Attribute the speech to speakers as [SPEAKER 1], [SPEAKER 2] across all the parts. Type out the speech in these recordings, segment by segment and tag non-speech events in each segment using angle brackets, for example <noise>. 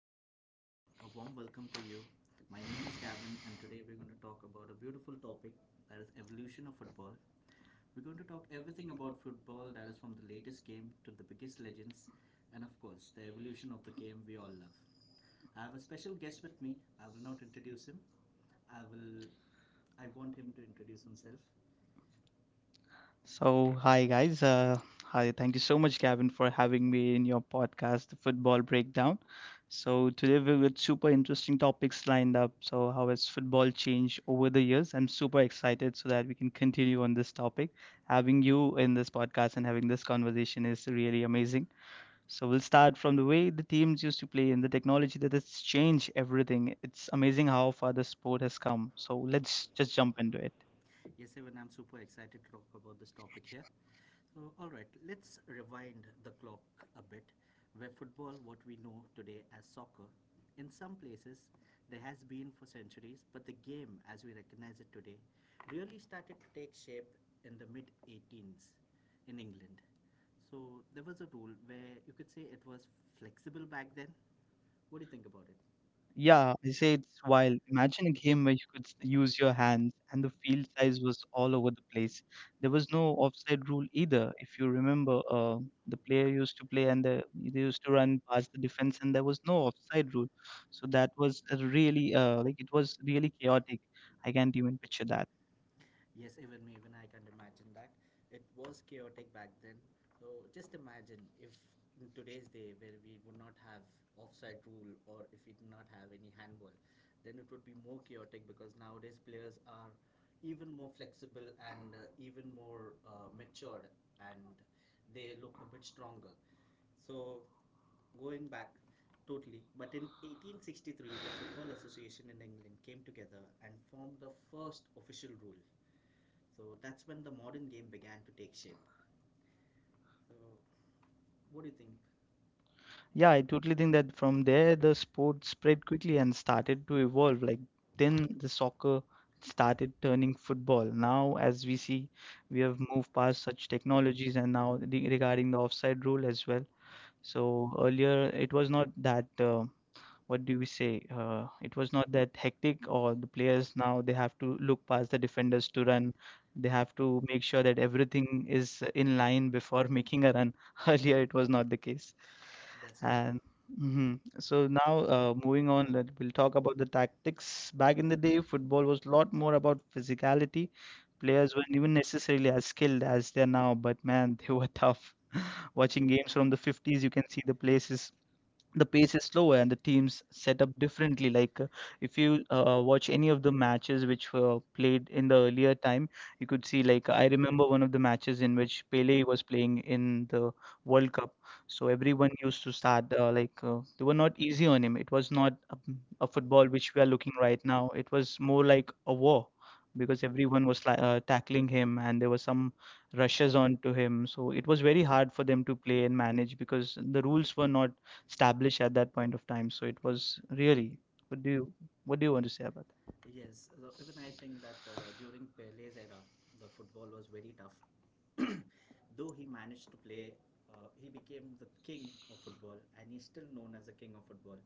[SPEAKER 1] Hello, everyone. A warm welcome to you. My name is Gavin, and today we're going to talk about a beautiful topic that is evolution of football. We're going to talk everything about football that is from the latest game to the biggest legends, and of course, the evolution of the game we all love. I have a special guest with me. I will not introduce him. I will. I want him to introduce himself. So,
[SPEAKER 2] So,
[SPEAKER 1] hi
[SPEAKER 2] hi
[SPEAKER 1] guys.
[SPEAKER 2] guys.
[SPEAKER 1] I
[SPEAKER 2] Hi, thank
[SPEAKER 1] thank
[SPEAKER 2] you
[SPEAKER 1] you so
[SPEAKER 2] so
[SPEAKER 1] much,
[SPEAKER 2] much,
[SPEAKER 1] Gavin,
[SPEAKER 2] Gavin, for
[SPEAKER 1] for having
[SPEAKER 2] having
[SPEAKER 1] me
[SPEAKER 2] me
[SPEAKER 1] to
[SPEAKER 2] in
[SPEAKER 1] your
[SPEAKER 2] your
[SPEAKER 1] podcast,
[SPEAKER 2] podcast, The
[SPEAKER 1] Football
[SPEAKER 2] Football
[SPEAKER 1] Breakdown.
[SPEAKER 2] Breakdown.
[SPEAKER 1] So,
[SPEAKER 2] So, today
[SPEAKER 1] today
[SPEAKER 2] we've
[SPEAKER 1] we
[SPEAKER 2] got
[SPEAKER 1] have
[SPEAKER 2] super
[SPEAKER 1] super interesting
[SPEAKER 2] interesting
[SPEAKER 1] topics
[SPEAKER 2] topics lined
[SPEAKER 1] lined
[SPEAKER 2] up.
[SPEAKER 1] up.
[SPEAKER 2] So, how has football
[SPEAKER 1] Football
[SPEAKER 2] changed
[SPEAKER 1] over
[SPEAKER 2] over the
[SPEAKER 1] the
[SPEAKER 2] years? I'm super excited so that we can continue on this topic.
[SPEAKER 1] having
[SPEAKER 2] Having
[SPEAKER 1] you
[SPEAKER 2] you
[SPEAKER 1] in
[SPEAKER 2] in
[SPEAKER 1] this
[SPEAKER 2] this podcast and having this conversation is
[SPEAKER 1] area.
[SPEAKER 2] really amazing. So,
[SPEAKER 1] So
[SPEAKER 2] we'll
[SPEAKER 1] we'll
[SPEAKER 2] start
[SPEAKER 1] start
[SPEAKER 2] from the way
[SPEAKER 1] away
[SPEAKER 2] the
[SPEAKER 1] to
[SPEAKER 2] teams used to
[SPEAKER 1] play
[SPEAKER 2] play and
[SPEAKER 1] in
[SPEAKER 2] the
[SPEAKER 1] the
[SPEAKER 2] technology that has
[SPEAKER 1] exchange.
[SPEAKER 2] changed everything. It's
[SPEAKER 1] It's
[SPEAKER 2] amazing
[SPEAKER 1] amazing
[SPEAKER 2] how
[SPEAKER 1] how far
[SPEAKER 2] far the
[SPEAKER 1] the sport
[SPEAKER 2] sport
[SPEAKER 1] has
[SPEAKER 2] has
[SPEAKER 1] come.
[SPEAKER 2] come. So,
[SPEAKER 1] So let's
[SPEAKER 2] let's just
[SPEAKER 1] let's jump
[SPEAKER 2] jump into
[SPEAKER 1] into
[SPEAKER 2] it.
[SPEAKER 1] it. Yes, even I'm super excited to talk about this topic here. All right, let's rewind the clock a bit. Where football, what we know today as soccer, in some places there has been for centuries, but the game as we recognize it today really started to take shape in the mid 18s in England. So there was a rule where you could say it was flexible back then. What do you think about it? Yeah,
[SPEAKER 2] Yeah, I say
[SPEAKER 1] it's
[SPEAKER 2] it's
[SPEAKER 1] wild.
[SPEAKER 2] wild.
[SPEAKER 1] Imagine
[SPEAKER 2] Imagine a
[SPEAKER 1] a game
[SPEAKER 2] game where
[SPEAKER 1] where you
[SPEAKER 2] you
[SPEAKER 1] could
[SPEAKER 2] could
[SPEAKER 1] use
[SPEAKER 2] use
[SPEAKER 1] and
[SPEAKER 2] your hands and the
[SPEAKER 1] the
[SPEAKER 2] field
[SPEAKER 1] field size
[SPEAKER 2] size
[SPEAKER 1] was
[SPEAKER 2] was all
[SPEAKER 1] all over
[SPEAKER 2] over the
[SPEAKER 1] the place.
[SPEAKER 2] place. There
[SPEAKER 1] There was
[SPEAKER 2] was no
[SPEAKER 1] no
[SPEAKER 2] offside rule
[SPEAKER 1] either.
[SPEAKER 2] either.
[SPEAKER 1] If
[SPEAKER 2] If you
[SPEAKER 1] you remember,
[SPEAKER 2] remember, the
[SPEAKER 1] the
[SPEAKER 2] player
[SPEAKER 1] play
[SPEAKER 2] used to play
[SPEAKER 1] play and
[SPEAKER 2] and they
[SPEAKER 1] they used
[SPEAKER 2] used
[SPEAKER 1] to
[SPEAKER 2] to run
[SPEAKER 1] run past
[SPEAKER 2] past the
[SPEAKER 1] the defense
[SPEAKER 2] defense
[SPEAKER 1] and
[SPEAKER 2] and there
[SPEAKER 1] there
[SPEAKER 2] was
[SPEAKER 1] was
[SPEAKER 2] no
[SPEAKER 1] no offside
[SPEAKER 2] offside rule.
[SPEAKER 1] rule. So
[SPEAKER 2] So
[SPEAKER 1] that
[SPEAKER 2] that
[SPEAKER 1] was
[SPEAKER 2] was a
[SPEAKER 1] really
[SPEAKER 2] really
[SPEAKER 1] it
[SPEAKER 2] it
[SPEAKER 1] was
[SPEAKER 2] was
[SPEAKER 1] really
[SPEAKER 2] really
[SPEAKER 1] chaotic.
[SPEAKER 2] chaotic.
[SPEAKER 1] I
[SPEAKER 2] I can't
[SPEAKER 1] can't even
[SPEAKER 2] even picture
[SPEAKER 1] picture.
[SPEAKER 2] that.
[SPEAKER 1] Yes, even me, even I can't imagine that. It was chaotic back then. So just imagine if in today's day where we would not have offside rule or if we do not have any handball, then it would be more chaotic because nowadays players are even more flexible and even more matured and they look a bit stronger. So, going back totally, but in 1863, the Football Association in England came together and formed the first official rule. So, that's when the modern game began to take shape. So, what do you think? Yeah,
[SPEAKER 2] Yeah, I
[SPEAKER 1] it's
[SPEAKER 2] totally think that from there
[SPEAKER 1] there
[SPEAKER 2] the sport spread quickly and started to evolve. Like
[SPEAKER 1] then
[SPEAKER 2] then the soccer
[SPEAKER 1] started
[SPEAKER 2] started
[SPEAKER 1] turning
[SPEAKER 2] turning football.
[SPEAKER 1] football.
[SPEAKER 2] Now, as we
[SPEAKER 1] See,
[SPEAKER 2] see, we
[SPEAKER 1] we have
[SPEAKER 2] have
[SPEAKER 1] moved
[SPEAKER 2] moved
[SPEAKER 1] past
[SPEAKER 2] past
[SPEAKER 1] such
[SPEAKER 2] such
[SPEAKER 1] technology,
[SPEAKER 2] technologies
[SPEAKER 1] the
[SPEAKER 2] and now re
[SPEAKER 1] offside
[SPEAKER 2] regarding the offside
[SPEAKER 1] rule.
[SPEAKER 2] rule as well.
[SPEAKER 1] So
[SPEAKER 2] So earlier
[SPEAKER 1] earlier,
[SPEAKER 2] it was not that.
[SPEAKER 1] what
[SPEAKER 2] What
[SPEAKER 1] did
[SPEAKER 2] do we
[SPEAKER 1] you say?
[SPEAKER 2] say?
[SPEAKER 1] It
[SPEAKER 2] It
[SPEAKER 1] was
[SPEAKER 2] was
[SPEAKER 1] not
[SPEAKER 2] not
[SPEAKER 1] that
[SPEAKER 2] that
[SPEAKER 1] hits
[SPEAKER 2] hectic,
[SPEAKER 1] or
[SPEAKER 2] or the
[SPEAKER 1] players
[SPEAKER 2] players
[SPEAKER 1] have
[SPEAKER 2] now they have
[SPEAKER 1] to
[SPEAKER 2] to look
[SPEAKER 1] look.
[SPEAKER 2] past the defenders to run. They
[SPEAKER 1] They have
[SPEAKER 2] have
[SPEAKER 1] to
[SPEAKER 2] to
[SPEAKER 1] make
[SPEAKER 2] make
[SPEAKER 1] sure
[SPEAKER 2] sure that
[SPEAKER 1] the team
[SPEAKER 2] everything is
[SPEAKER 1] in
[SPEAKER 2] in line
[SPEAKER 1] line before
[SPEAKER 2] before <laughs>
[SPEAKER 1] making
[SPEAKER 2] making
[SPEAKER 1] a
[SPEAKER 2] a
[SPEAKER 1] run.
[SPEAKER 2] run. <laughs>
[SPEAKER 1] <laughs>
[SPEAKER 2] Earlier,
[SPEAKER 1] Earlier, it
[SPEAKER 2] it
[SPEAKER 1] was
[SPEAKER 2] was
[SPEAKER 1] not
[SPEAKER 2] not the
[SPEAKER 1] the case.
[SPEAKER 2] case.
[SPEAKER 1] That's correct.
[SPEAKER 2] And
[SPEAKER 1] And mhm.
[SPEAKER 2] mhm.
[SPEAKER 1] So
[SPEAKER 2] So now,
[SPEAKER 1] now,
[SPEAKER 2] uh,
[SPEAKER 1] moving
[SPEAKER 2] moving
[SPEAKER 1] on,
[SPEAKER 2] on, let, we'll
[SPEAKER 1] we'll talk
[SPEAKER 2] talk about
[SPEAKER 1] about
[SPEAKER 2] the
[SPEAKER 1] the tactics.
[SPEAKER 2] tactics. Back
[SPEAKER 1] Back
[SPEAKER 2] in the day, football was a lot more about physicality.
[SPEAKER 1] players are
[SPEAKER 2] Players weren't even
[SPEAKER 1] really
[SPEAKER 2] necessarily as
[SPEAKER 1] as
[SPEAKER 2] skilled
[SPEAKER 1] skilled as
[SPEAKER 2] as they
[SPEAKER 1] they
[SPEAKER 2] are
[SPEAKER 1] are
[SPEAKER 2] now,
[SPEAKER 1] now, but
[SPEAKER 2] but
[SPEAKER 1] man,
[SPEAKER 2] man, <laughs> they were tough.
[SPEAKER 1] watching
[SPEAKER 2] Watching
[SPEAKER 1] games
[SPEAKER 2] games from the 50s, you can see the pace is
[SPEAKER 1] so
[SPEAKER 2] slower
[SPEAKER 1] and
[SPEAKER 2] and the
[SPEAKER 1] the teams
[SPEAKER 2] teams set up differently
[SPEAKER 1] currently like
[SPEAKER 2] like.
[SPEAKER 1] if
[SPEAKER 2] If
[SPEAKER 1] you
[SPEAKER 2] you watch
[SPEAKER 1] watches
[SPEAKER 2] any of the matches
[SPEAKER 1] which
[SPEAKER 2] which
[SPEAKER 1] were
[SPEAKER 2] were
[SPEAKER 1] played
[SPEAKER 2] played in
[SPEAKER 1] in
[SPEAKER 2] the
[SPEAKER 1] the earlier,
[SPEAKER 2] earlier time, you
[SPEAKER 1] you could
[SPEAKER 2] could
[SPEAKER 1] see
[SPEAKER 2] see,
[SPEAKER 1] like
[SPEAKER 2] like, I
[SPEAKER 1] I remember
[SPEAKER 2] remember one
[SPEAKER 1] which
[SPEAKER 2] of the matches in which Pele
[SPEAKER 1] failing was
[SPEAKER 2] was playing in the
[SPEAKER 1] World
[SPEAKER 2] World
[SPEAKER 1] Cup,
[SPEAKER 2] Cup.
[SPEAKER 1] so
[SPEAKER 2] So
[SPEAKER 1] everyone
[SPEAKER 2] everyone used to
[SPEAKER 1] had
[SPEAKER 2] start they were not easy on him. It was not
[SPEAKER 1] a
[SPEAKER 2] a
[SPEAKER 1] football
[SPEAKER 2] football
[SPEAKER 1] which
[SPEAKER 2] which we are looking
[SPEAKER 1] right
[SPEAKER 2] right
[SPEAKER 1] now
[SPEAKER 2] now. It was more like
[SPEAKER 1] a
[SPEAKER 2] a
[SPEAKER 1] war
[SPEAKER 2] war because
[SPEAKER 1] because everyone
[SPEAKER 2] everyone
[SPEAKER 1] was
[SPEAKER 2] was
[SPEAKER 1] taking
[SPEAKER 2] tackling
[SPEAKER 1] him
[SPEAKER 2] him and there were some
[SPEAKER 1] rushes
[SPEAKER 2] rushes
[SPEAKER 1] on
[SPEAKER 2] on
[SPEAKER 1] to
[SPEAKER 2] to him. So it was very hard for them to
[SPEAKER 1] play
[SPEAKER 2] play
[SPEAKER 1] and
[SPEAKER 2] and manage
[SPEAKER 1] because
[SPEAKER 2] because the rules were
[SPEAKER 1] were
[SPEAKER 2] not
[SPEAKER 1] not established
[SPEAKER 2] established
[SPEAKER 1] yet.
[SPEAKER 2] at
[SPEAKER 1] So it
[SPEAKER 2] that point of time. So it
[SPEAKER 1] was
[SPEAKER 2] was
[SPEAKER 1] varying.
[SPEAKER 2] really. What
[SPEAKER 1] Could
[SPEAKER 2] do
[SPEAKER 1] be,
[SPEAKER 2] you
[SPEAKER 1] what
[SPEAKER 2] What do
[SPEAKER 1] do
[SPEAKER 2] you
[SPEAKER 1] you
[SPEAKER 2] want to
[SPEAKER 1] want?
[SPEAKER 2] say about that?
[SPEAKER 1] Yes, so even I think that during Pele's era, the football was very tough. <coughs> <clears throat> Though he managed to play, he became the king of football, and he's still known as the king of football.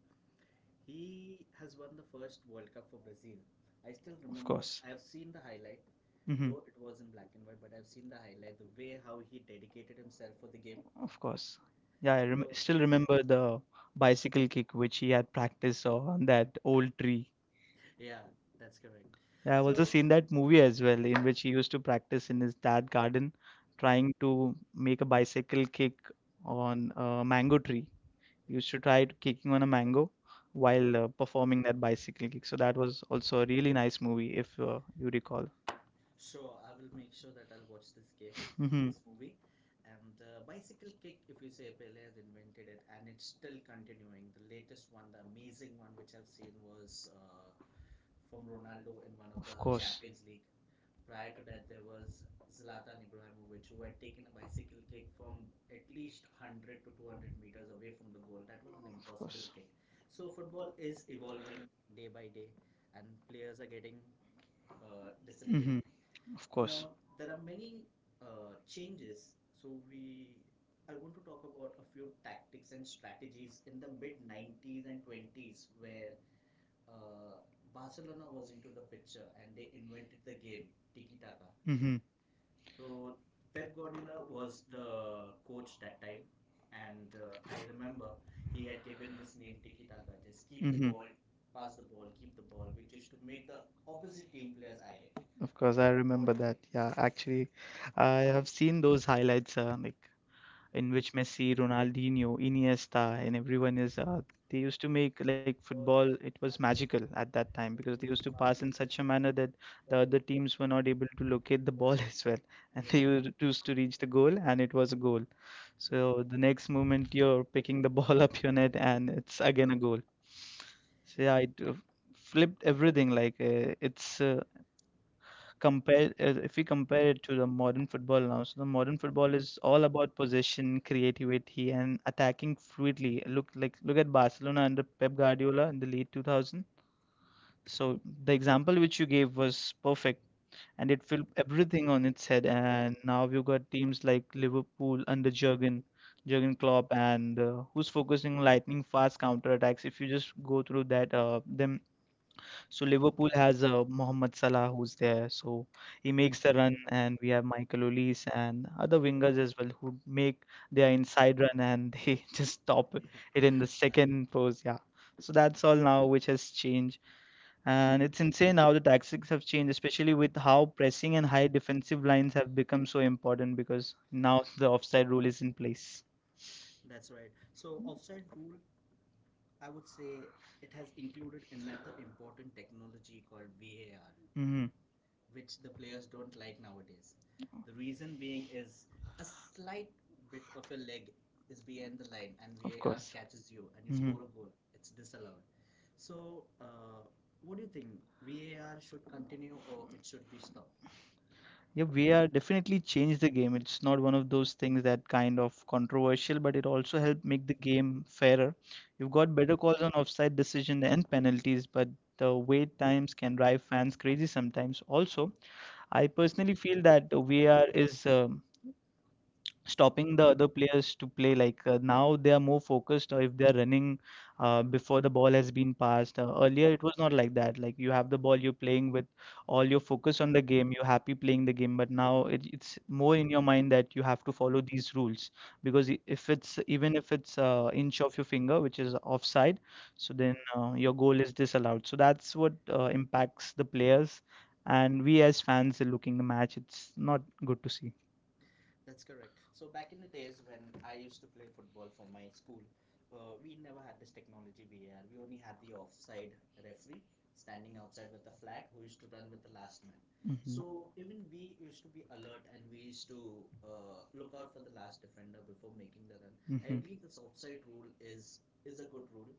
[SPEAKER 1] He has won the first World Cup for Brazil. I still of
[SPEAKER 2] Of
[SPEAKER 1] remember. Course.
[SPEAKER 2] course.
[SPEAKER 1] I have seen the highlight, mhm,
[SPEAKER 2] Hmm.
[SPEAKER 1] though mhm, it was in black and white. But I've seen the highlight, the way how he dedicated himself for the game.
[SPEAKER 2] Of
[SPEAKER 1] Of course.
[SPEAKER 2] course. Yeah,
[SPEAKER 1] Yeah,
[SPEAKER 2] I
[SPEAKER 1] I so still
[SPEAKER 2] still
[SPEAKER 1] remember
[SPEAKER 2] remember the bicycle kick which he had practiced on that
[SPEAKER 1] bicycle,
[SPEAKER 2] old tree.
[SPEAKER 1] yeah, that's correct,
[SPEAKER 2] Yeah, I've also seen that movie as well, in
[SPEAKER 1] that
[SPEAKER 2] which he used to practice in his dad garden,
[SPEAKER 1] try and
[SPEAKER 2] trying to make
[SPEAKER 1] make
[SPEAKER 2] a
[SPEAKER 1] a bike on.
[SPEAKER 2] bicycle kick
[SPEAKER 1] Yeah.
[SPEAKER 2] on a mango tree. He used to try to kicking on a mango
[SPEAKER 1] While
[SPEAKER 2] while
[SPEAKER 1] performing
[SPEAKER 2] performing that
[SPEAKER 1] their bicycle.
[SPEAKER 2] bicycle kick.
[SPEAKER 1] So
[SPEAKER 2] So
[SPEAKER 1] that
[SPEAKER 2] that
[SPEAKER 1] was
[SPEAKER 2] was
[SPEAKER 1] also
[SPEAKER 2] also a
[SPEAKER 1] a really
[SPEAKER 2] really
[SPEAKER 1] nice
[SPEAKER 2] nice movie, if
[SPEAKER 1] experience to
[SPEAKER 2] you
[SPEAKER 1] record.
[SPEAKER 2] recall.
[SPEAKER 1] Sure, I will make sure that I'll watch this game. Mhm.
[SPEAKER 2] Hmm.
[SPEAKER 1] This movie and bicycle kick if you say Pele has invented it and it's still continuing the latest one the amazing one which I've seen was from Ronaldo in one of the
[SPEAKER 2] Of
[SPEAKER 1] oh,
[SPEAKER 2] course.
[SPEAKER 1] Champions League. Prior to that, there was Zlatan Ibrahimovic, who had taken a bicycle kick from at least 100 to 200 meters away from the goal. That was an
[SPEAKER 2] Of
[SPEAKER 1] impossible
[SPEAKER 2] course.
[SPEAKER 1] kick. So, football is evolving day by day, and players are getting disciplined.
[SPEAKER 2] Hmm. Of course.
[SPEAKER 1] Now, there are many changes. So, we I want to talk about a few tactics and strategies in the mid 90s and 20s where uh, Barcelona was into the picture and they invented the game tiki taka.
[SPEAKER 2] Mm-hmm.
[SPEAKER 1] So Pep Guardiola was the coach that time, and I remember he had given this name Tiki Taka, just keep the
[SPEAKER 2] Mhm.
[SPEAKER 1] ball, pass the ball, keep the ball, which is to make the opposite team players irate.
[SPEAKER 2] Of course, I remember that. Yeah, actually, I have seen those highlights. Like in which Messi, Ronaldinho, Iniesta, and everyone is they used to make like football. It was magical at that time because they used to pass in such a manner that the other teams were not able to locate the ball <laughs> as well, and
[SPEAKER 1] Yeah,
[SPEAKER 2] they used to reach the goal, and it was a goal. So the next moment you're
[SPEAKER 1] picking
[SPEAKER 2] picking
[SPEAKER 1] the
[SPEAKER 2] the <laughs>
[SPEAKER 1] ball
[SPEAKER 2] ball
[SPEAKER 1] up
[SPEAKER 2] up
[SPEAKER 1] your
[SPEAKER 2] your
[SPEAKER 1] net
[SPEAKER 2] net,
[SPEAKER 1] and
[SPEAKER 2] and
[SPEAKER 1] it's
[SPEAKER 2] it's again
[SPEAKER 1] again
[SPEAKER 2] a
[SPEAKER 1] a goal.
[SPEAKER 2] goal. So yeah,
[SPEAKER 1] Yeah, it
[SPEAKER 2] it uh,
[SPEAKER 1] flipped
[SPEAKER 2] flipped
[SPEAKER 1] everything
[SPEAKER 2] everything.
[SPEAKER 1] like
[SPEAKER 2] Like
[SPEAKER 1] that. It's
[SPEAKER 2] it's
[SPEAKER 1] com-
[SPEAKER 2] compare
[SPEAKER 1] if
[SPEAKER 2] If we
[SPEAKER 1] we compare
[SPEAKER 2] compare
[SPEAKER 1] it
[SPEAKER 2] it
[SPEAKER 1] to
[SPEAKER 2] to
[SPEAKER 1] the
[SPEAKER 2] the
[SPEAKER 1] modern
[SPEAKER 2] modern football now, so the
[SPEAKER 1] modern
[SPEAKER 2] modern
[SPEAKER 1] football
[SPEAKER 2] football is all
[SPEAKER 1] good
[SPEAKER 2] about possession,
[SPEAKER 1] positioning creation
[SPEAKER 2] creativity,
[SPEAKER 1] and
[SPEAKER 2] and attacking
[SPEAKER 1] activity.
[SPEAKER 2] fluidly. Look like, look at Barcelona under Pep Guardiola in the late 2000.
[SPEAKER 1] So
[SPEAKER 2] So the
[SPEAKER 1] the example
[SPEAKER 2] example
[SPEAKER 1] which
[SPEAKER 2] which you
[SPEAKER 1] is
[SPEAKER 2] gave was
[SPEAKER 1] perfect
[SPEAKER 2] perfect,
[SPEAKER 1] and
[SPEAKER 2] and
[SPEAKER 1] it
[SPEAKER 2] it
[SPEAKER 1] flipped
[SPEAKER 2] flipped
[SPEAKER 1] everything
[SPEAKER 2] everything
[SPEAKER 1] on
[SPEAKER 2] on
[SPEAKER 1] its
[SPEAKER 2] its
[SPEAKER 1] head
[SPEAKER 2] head. And now we've got teams like Liverpool under
[SPEAKER 1] under Jurgen
[SPEAKER 2] Jurgen
[SPEAKER 1] Jurgen
[SPEAKER 2] Klopp,
[SPEAKER 1] Klopp and
[SPEAKER 2] and uh, who's
[SPEAKER 1] who's focusing
[SPEAKER 2] focusing on
[SPEAKER 1] on
[SPEAKER 2] lightning fast
[SPEAKER 1] counter
[SPEAKER 2] counter
[SPEAKER 1] attacks.
[SPEAKER 2] attacks.
[SPEAKER 1] If
[SPEAKER 2] If you
[SPEAKER 1] you just
[SPEAKER 2] just
[SPEAKER 1] go
[SPEAKER 2] go through
[SPEAKER 1] through that,
[SPEAKER 2] that
[SPEAKER 1] then
[SPEAKER 2] them
[SPEAKER 1] so
[SPEAKER 2] so Liverpool
[SPEAKER 1] Liverpool has
[SPEAKER 2] has
[SPEAKER 1] the
[SPEAKER 2] Mohamed
[SPEAKER 1] Salah
[SPEAKER 2] Salah
[SPEAKER 1] who's
[SPEAKER 2] who's
[SPEAKER 1] there,
[SPEAKER 2] there,
[SPEAKER 1] so
[SPEAKER 2] so he
[SPEAKER 1] he makes
[SPEAKER 2] makes the
[SPEAKER 1] the
[SPEAKER 2] run,
[SPEAKER 1] run and
[SPEAKER 2] and we have Michael Olise and other
[SPEAKER 1] just
[SPEAKER 2] wingers
[SPEAKER 1] is
[SPEAKER 2] as well who make their inside run and they <laughs> just
[SPEAKER 1] stop
[SPEAKER 2] stop it in
[SPEAKER 1] doing
[SPEAKER 2] the
[SPEAKER 1] this.
[SPEAKER 2] second pose. Yeah,
[SPEAKER 1] So
[SPEAKER 2] so
[SPEAKER 1] that
[SPEAKER 2] that's all now which has changed, and it's
[SPEAKER 1] and
[SPEAKER 2] insane how the
[SPEAKER 1] it's
[SPEAKER 2] tactics have changed, especially with how pressing and high defensive lines have become so
[SPEAKER 1] so important
[SPEAKER 2] important
[SPEAKER 1] because
[SPEAKER 2] because now
[SPEAKER 1] now the
[SPEAKER 2] the
[SPEAKER 1] offside
[SPEAKER 2] offside
[SPEAKER 1] rule
[SPEAKER 2] rule
[SPEAKER 1] is
[SPEAKER 2] is
[SPEAKER 1] in
[SPEAKER 2] in
[SPEAKER 1] place.
[SPEAKER 2] place.
[SPEAKER 1] That's right. So offside rule, I would say it has included another important technology called VAR. Mm,
[SPEAKER 2] Hmm.
[SPEAKER 1] which the players don't like nowadays. The reason being is a slight bit of a leg is behind the line and
[SPEAKER 2] Of
[SPEAKER 1] VAR
[SPEAKER 2] course.
[SPEAKER 1] catches you and you
[SPEAKER 2] Mhm.
[SPEAKER 1] score a goal. It's disallowed. So, what do you think? VAR should continue or it should be stopped?
[SPEAKER 2] Yeah,
[SPEAKER 1] Yeah, we
[SPEAKER 2] VR
[SPEAKER 1] are
[SPEAKER 2] definitely
[SPEAKER 1] changing
[SPEAKER 2] changed the
[SPEAKER 1] the game.
[SPEAKER 2] game.
[SPEAKER 1] It's
[SPEAKER 2] It's
[SPEAKER 1] not
[SPEAKER 2] not
[SPEAKER 1] one
[SPEAKER 2] one
[SPEAKER 1] of
[SPEAKER 2] of
[SPEAKER 1] those
[SPEAKER 2] those
[SPEAKER 1] things
[SPEAKER 2] things
[SPEAKER 1] that
[SPEAKER 2] that kind of
[SPEAKER 1] commercial
[SPEAKER 2] controversial, but it also helped make the
[SPEAKER 1] game
[SPEAKER 2] game fairer. You've
[SPEAKER 1] got
[SPEAKER 2] got better
[SPEAKER 1] better
[SPEAKER 2] calls
[SPEAKER 1] calls
[SPEAKER 2] on
[SPEAKER 1] on
[SPEAKER 2] offside
[SPEAKER 1] decision
[SPEAKER 2] decision
[SPEAKER 1] and
[SPEAKER 2] and
[SPEAKER 1] penalty.
[SPEAKER 2] penalties, but
[SPEAKER 1] The
[SPEAKER 2] the wait
[SPEAKER 1] wait times
[SPEAKER 2] times
[SPEAKER 1] can
[SPEAKER 2] can drive
[SPEAKER 1] rise.
[SPEAKER 2] fans crazy sometimes. Also, I
[SPEAKER 1] I
[SPEAKER 2] personally
[SPEAKER 1] personally
[SPEAKER 2] feel
[SPEAKER 1] feel that
[SPEAKER 2] that the
[SPEAKER 1] we
[SPEAKER 2] VR
[SPEAKER 1] are
[SPEAKER 2] is stopping
[SPEAKER 1] stopping
[SPEAKER 2] the other
[SPEAKER 1] the
[SPEAKER 2] players to
[SPEAKER 1] play
[SPEAKER 2] play
[SPEAKER 1] like
[SPEAKER 2] like. Now they are more focused, or if they are running
[SPEAKER 1] before
[SPEAKER 2] before the ball has been passed. Earlier it was not like that. Like, you have the ball, you're playing
[SPEAKER 1] playing
[SPEAKER 2] with all
[SPEAKER 1] all you
[SPEAKER 2] your focus
[SPEAKER 1] focus on
[SPEAKER 2] on the
[SPEAKER 1] the game,
[SPEAKER 2] game, you're
[SPEAKER 1] you're
[SPEAKER 2] happy
[SPEAKER 1] happy
[SPEAKER 2] playing
[SPEAKER 1] playing
[SPEAKER 2] the
[SPEAKER 1] the game,
[SPEAKER 2] game,
[SPEAKER 1] but
[SPEAKER 2] but
[SPEAKER 1] now
[SPEAKER 2] now
[SPEAKER 1] it's
[SPEAKER 2] it's
[SPEAKER 1] more
[SPEAKER 2] more
[SPEAKER 1] to
[SPEAKER 2] in your mind that you
[SPEAKER 1] follow
[SPEAKER 2] have to follow
[SPEAKER 1] these rules
[SPEAKER 2] these rules because if
[SPEAKER 1] because
[SPEAKER 2] it's,
[SPEAKER 1] it's
[SPEAKER 2] even
[SPEAKER 1] even
[SPEAKER 2] if it's inch of your
[SPEAKER 1] the
[SPEAKER 2] finger
[SPEAKER 1] finger, which
[SPEAKER 2] which
[SPEAKER 1] is
[SPEAKER 2] is offside, so
[SPEAKER 1] so
[SPEAKER 2] then
[SPEAKER 1] then
[SPEAKER 2] your goal is
[SPEAKER 1] it's allowed
[SPEAKER 2] disallowed. So that's what
[SPEAKER 1] impacts
[SPEAKER 2] impacts the
[SPEAKER 1] the player
[SPEAKER 2] players, and
[SPEAKER 1] and
[SPEAKER 2] we as fans are looking the match, it's
[SPEAKER 1] it's
[SPEAKER 2] not
[SPEAKER 1] not good
[SPEAKER 2] good to
[SPEAKER 1] to see.
[SPEAKER 2] see.
[SPEAKER 1] That's correct. So back in the days when I used to play football for my school, we never had this technology VAR. We only had the offside referee standing outside with the flag who used to run with the last man. So
[SPEAKER 2] Mhm.
[SPEAKER 1] even we used to be alert and we used to look out for the last defender before making the run. I believe this offside rule is a good rule.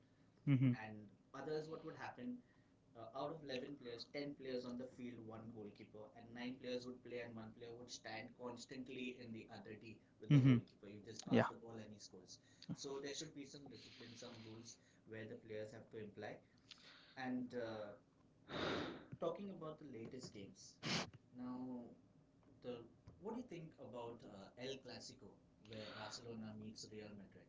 [SPEAKER 1] Mhm.
[SPEAKER 2] Mm-hmm.
[SPEAKER 1] And others, what would happen out of 11 players 10 players on the field one goalkeeper and nine players would play and one player would stand constantly in the other d with the mm-hmm
[SPEAKER 2] Mhm.
[SPEAKER 1] goalkeeper you just pass the ball and he scores so there should be some discipline some rules where the players have to imply and talking about the latest games. Now, the what do you think about El Clasico, where Barcelona meets Real Madrid?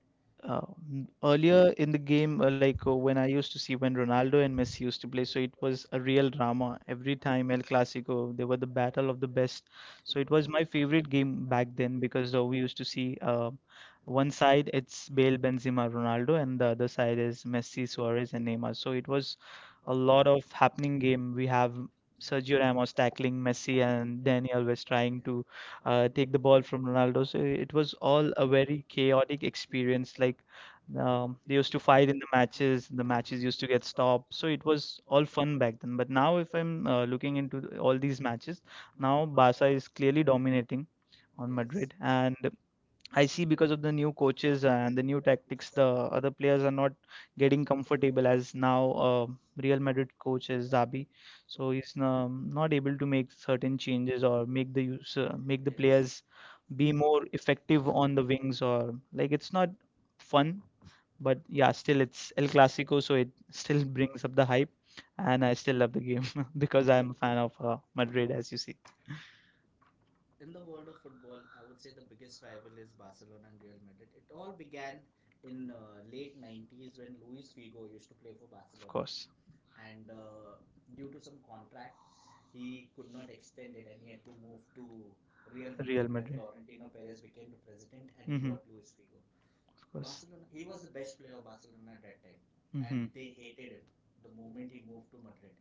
[SPEAKER 1] Uh,
[SPEAKER 2] uh,
[SPEAKER 1] Earlier in
[SPEAKER 2] Earlier in the
[SPEAKER 1] the game
[SPEAKER 2] game,
[SPEAKER 1] when I go back, I
[SPEAKER 2] when I used
[SPEAKER 1] used
[SPEAKER 2] to
[SPEAKER 1] to
[SPEAKER 2] see
[SPEAKER 1] see when
[SPEAKER 2] when
[SPEAKER 1] Ronaldo
[SPEAKER 2] Ronaldo
[SPEAKER 1] and
[SPEAKER 2] and
[SPEAKER 1] Messi
[SPEAKER 2] Messi
[SPEAKER 1] used
[SPEAKER 2] used
[SPEAKER 1] to
[SPEAKER 2] to play,
[SPEAKER 1] play,
[SPEAKER 2] so
[SPEAKER 1] so
[SPEAKER 2] it
[SPEAKER 1] it
[SPEAKER 2] was
[SPEAKER 1] was a
[SPEAKER 2] a
[SPEAKER 1] real
[SPEAKER 2] real
[SPEAKER 1] drama
[SPEAKER 2] drama
[SPEAKER 1] every
[SPEAKER 2] every
[SPEAKER 1] time
[SPEAKER 2] time
[SPEAKER 1] El
[SPEAKER 2] El
[SPEAKER 1] Clasico. It
[SPEAKER 2] Clasico. They were
[SPEAKER 1] was a
[SPEAKER 2] the
[SPEAKER 1] battle
[SPEAKER 2] battle
[SPEAKER 1] of
[SPEAKER 2] of
[SPEAKER 1] the
[SPEAKER 2] the
[SPEAKER 1] best.
[SPEAKER 2] best.
[SPEAKER 1] So
[SPEAKER 2] So
[SPEAKER 1] it
[SPEAKER 2] it
[SPEAKER 1] was
[SPEAKER 2] was
[SPEAKER 1] my
[SPEAKER 2] my favorite
[SPEAKER 1] favorite game
[SPEAKER 2] game
[SPEAKER 1] to
[SPEAKER 2] back then because we used to see,
[SPEAKER 1] see. One
[SPEAKER 2] one
[SPEAKER 1] side
[SPEAKER 2] side
[SPEAKER 1] is
[SPEAKER 2] it's Bale,
[SPEAKER 1] Bale Benzema,
[SPEAKER 2] Benzema, Ronaldo,
[SPEAKER 1] and
[SPEAKER 2] and the other side is Messi, Suarez, and Neymar.
[SPEAKER 1] so
[SPEAKER 2] So
[SPEAKER 1] it
[SPEAKER 2] it
[SPEAKER 1] was
[SPEAKER 2] was a
[SPEAKER 1] a
[SPEAKER 2] lot
[SPEAKER 1] lot
[SPEAKER 2] of
[SPEAKER 1] happening
[SPEAKER 2] happening
[SPEAKER 1] game.
[SPEAKER 2] game. We have Sergio
[SPEAKER 1] Sergio Ramos
[SPEAKER 2] Ramos tackling Messi, and Daniel was
[SPEAKER 1] trying,
[SPEAKER 2] trying to
[SPEAKER 1] yeah, to
[SPEAKER 2] take the ball from Ronaldo. So it was all a very chaotic
[SPEAKER 1] experience.
[SPEAKER 2] experience.
[SPEAKER 1] Like,
[SPEAKER 2] Like
[SPEAKER 1] uh,
[SPEAKER 2] um, they used to
[SPEAKER 1] I
[SPEAKER 2] fight in the matches used
[SPEAKER 1] used to
[SPEAKER 2] to get
[SPEAKER 1] get stopped,
[SPEAKER 2] stopped. So it was all fun back then.
[SPEAKER 1] but
[SPEAKER 2] But now,
[SPEAKER 1] now
[SPEAKER 2] if I'm
[SPEAKER 1] looking
[SPEAKER 2] looking into
[SPEAKER 1] at all
[SPEAKER 2] all
[SPEAKER 1] these
[SPEAKER 2] these matches, now
[SPEAKER 1] now,
[SPEAKER 2] Barca is clearly dominating on
[SPEAKER 1] yes,
[SPEAKER 2] Madrid. And
[SPEAKER 1] I
[SPEAKER 2] I see because of the new coaches and the new tactics,
[SPEAKER 1] it's
[SPEAKER 2] the other players are not
[SPEAKER 1] getting
[SPEAKER 2] getting
[SPEAKER 1] comfort.
[SPEAKER 2] comfortable as now
[SPEAKER 1] Uh,
[SPEAKER 2] Real Madrid coach is Zabi,
[SPEAKER 1] so
[SPEAKER 2] so he's
[SPEAKER 1] it's now
[SPEAKER 2] not able to make certain
[SPEAKER 1] changes
[SPEAKER 2] changes
[SPEAKER 1] or
[SPEAKER 2] or make the
[SPEAKER 1] yes,
[SPEAKER 2] players
[SPEAKER 1] be
[SPEAKER 2] be more
[SPEAKER 1] more effective.
[SPEAKER 2] effective on the
[SPEAKER 1] In
[SPEAKER 2] wings, or like
[SPEAKER 1] it's
[SPEAKER 2] it's
[SPEAKER 1] not
[SPEAKER 2] not
[SPEAKER 1] fun,
[SPEAKER 2] fun, but
[SPEAKER 1] but it
[SPEAKER 2] yeah, still it's El Clasico, so it <laughs>
[SPEAKER 1] still
[SPEAKER 2] still
[SPEAKER 1] brings
[SPEAKER 2] brings up the
[SPEAKER 1] up
[SPEAKER 2] hype,
[SPEAKER 1] and
[SPEAKER 2] and I
[SPEAKER 1] I
[SPEAKER 2] still
[SPEAKER 1] still
[SPEAKER 2] love
[SPEAKER 1] love
[SPEAKER 2] the
[SPEAKER 1] the
[SPEAKER 2] game
[SPEAKER 1] game
[SPEAKER 2] <laughs>
[SPEAKER 1] because
[SPEAKER 2] because
[SPEAKER 1] I'm
[SPEAKER 2] I'm a
[SPEAKER 1] a
[SPEAKER 2] fan
[SPEAKER 1] of
[SPEAKER 2] of
[SPEAKER 1] Madrid.
[SPEAKER 2] Madrid, as you see,
[SPEAKER 1] So. In the world of football, I would say the biggest rival is Barcelona and Real Madrid. It all began in late 90s when Luis Figo used to play for
[SPEAKER 2] of
[SPEAKER 1] Barcelona,
[SPEAKER 2] course,
[SPEAKER 1] and due to some contract, he could not extend it, and he had to move to Real Madrid,
[SPEAKER 2] Real
[SPEAKER 1] where
[SPEAKER 2] Madrid.
[SPEAKER 1] Florentino Perez became the president, and he
[SPEAKER 2] Hmm.
[SPEAKER 1] bought Luis Figo.
[SPEAKER 2] Of.
[SPEAKER 1] Barcelona, he was the best player of Barcelona at that time, and they hated him the moment he moved to Madrid.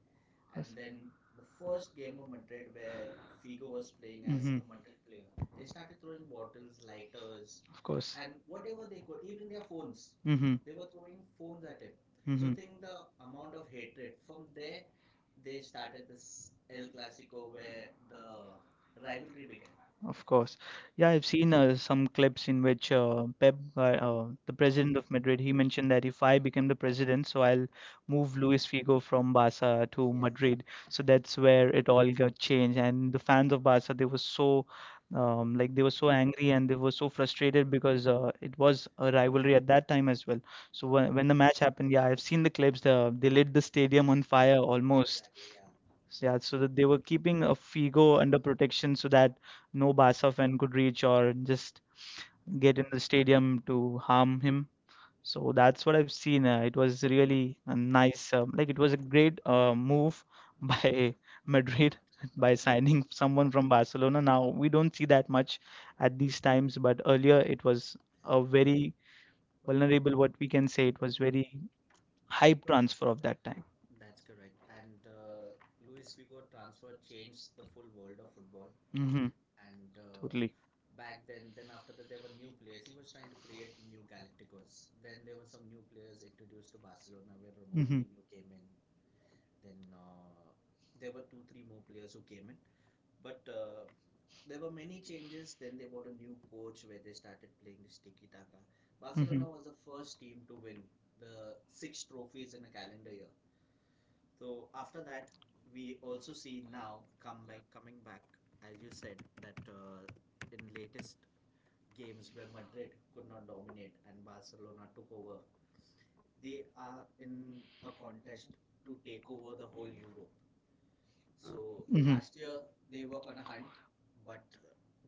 [SPEAKER 1] And then the first game of Madrid, where Figo was playing as a
[SPEAKER 2] Mhm.
[SPEAKER 1] Madrid player, they started throwing bottles, lighters,
[SPEAKER 2] Of course.
[SPEAKER 1] and whatever they could, even their phones.
[SPEAKER 2] Mm-hmm.
[SPEAKER 1] They were throwing phones at him. So think the
[SPEAKER 2] So.
[SPEAKER 1] amount of hatred. From there, they started this El Clasico where the rivalry began. Of
[SPEAKER 2] Of
[SPEAKER 1] course.
[SPEAKER 2] course. Yeah,
[SPEAKER 1] Yeah,
[SPEAKER 2] I've seen some clips in which the president of Madrid, he mentioned that if I become the president, so I'll
[SPEAKER 1] it's moved
[SPEAKER 2] move
[SPEAKER 1] Luis
[SPEAKER 2] Luis
[SPEAKER 1] Figo
[SPEAKER 2] Figo
[SPEAKER 1] from
[SPEAKER 2] from
[SPEAKER 1] the yes,
[SPEAKER 2] Barca to
[SPEAKER 1] inventory.
[SPEAKER 2] Madrid. So that's where it all got changed. And the fans of Barca, they were so they were so angry and they were
[SPEAKER 1] And
[SPEAKER 2] so frustrated because it was a rivalry at that time as well. So
[SPEAKER 1] when
[SPEAKER 2] when the
[SPEAKER 1] the
[SPEAKER 2] match happened, yeah, I've seen the clips. They lit the stadium on fire almost.
[SPEAKER 1] exactly, yeah.
[SPEAKER 2] So,
[SPEAKER 1] Yeah,
[SPEAKER 2] yeah,
[SPEAKER 1] so
[SPEAKER 2] so that they were
[SPEAKER 1] they
[SPEAKER 2] keeping a Figo under protection so that no Barca fan could reach or just get
[SPEAKER 1] get
[SPEAKER 2] in
[SPEAKER 1] in
[SPEAKER 2] the
[SPEAKER 1] the stadium
[SPEAKER 2] stadium
[SPEAKER 1] to
[SPEAKER 2] to
[SPEAKER 1] um,
[SPEAKER 2] harm him.
[SPEAKER 1] so
[SPEAKER 2] So
[SPEAKER 1] that's
[SPEAKER 2] that's what
[SPEAKER 1] what
[SPEAKER 2] I've
[SPEAKER 1] we
[SPEAKER 2] seen.
[SPEAKER 1] seen
[SPEAKER 2] It
[SPEAKER 1] it
[SPEAKER 2] was
[SPEAKER 1] was a very
[SPEAKER 2] really a
[SPEAKER 1] nice
[SPEAKER 2] nice, um, like
[SPEAKER 1] like
[SPEAKER 2] it
[SPEAKER 1] it
[SPEAKER 2] was
[SPEAKER 1] was
[SPEAKER 2] a
[SPEAKER 1] a great
[SPEAKER 2] great move <laughs>
[SPEAKER 1] by
[SPEAKER 2] by
[SPEAKER 1] Madrid
[SPEAKER 2] Madrid <laughs> by
[SPEAKER 1] by
[SPEAKER 2] signing someone from Barcelona. Now we don't see
[SPEAKER 1] that
[SPEAKER 2] that
[SPEAKER 1] much
[SPEAKER 2] much
[SPEAKER 1] at
[SPEAKER 2] at these
[SPEAKER 1] times
[SPEAKER 2] times,
[SPEAKER 1] but
[SPEAKER 2] but earlier it was
[SPEAKER 1] a
[SPEAKER 2] a
[SPEAKER 1] very
[SPEAKER 2] very
[SPEAKER 1] Bologna
[SPEAKER 2] vulnerable, what we can say, it
[SPEAKER 1] was
[SPEAKER 2] was very
[SPEAKER 1] very high
[SPEAKER 2] hype transfer
[SPEAKER 1] transfer.
[SPEAKER 2] of that time.
[SPEAKER 1] That's correct. And Luis Figo transfer changed the full world of football. Mhm.
[SPEAKER 2] Hmm.
[SPEAKER 1] And
[SPEAKER 2] Totally.
[SPEAKER 1] back then after that, there were new players. He was trying to create the new Galacticos. Then there were some new players introduced to Barcelona, where, mhm,
[SPEAKER 2] Hmm.
[SPEAKER 1] Ronaldinho came in. Then there were two, three more players who came in. But there were many changes. Then they bought a new coach, where they started playing this tiki taka. Barcelona, mhm, was the first team to win the six trophies in a calendar year. So after that, we also see now come back, coming back, as you said, that in latest games where Madrid could not dominate and Barcelona took over, they are in a contest to take over the whole Europe. So
[SPEAKER 2] Mhm.
[SPEAKER 1] last year they were on a hunt, but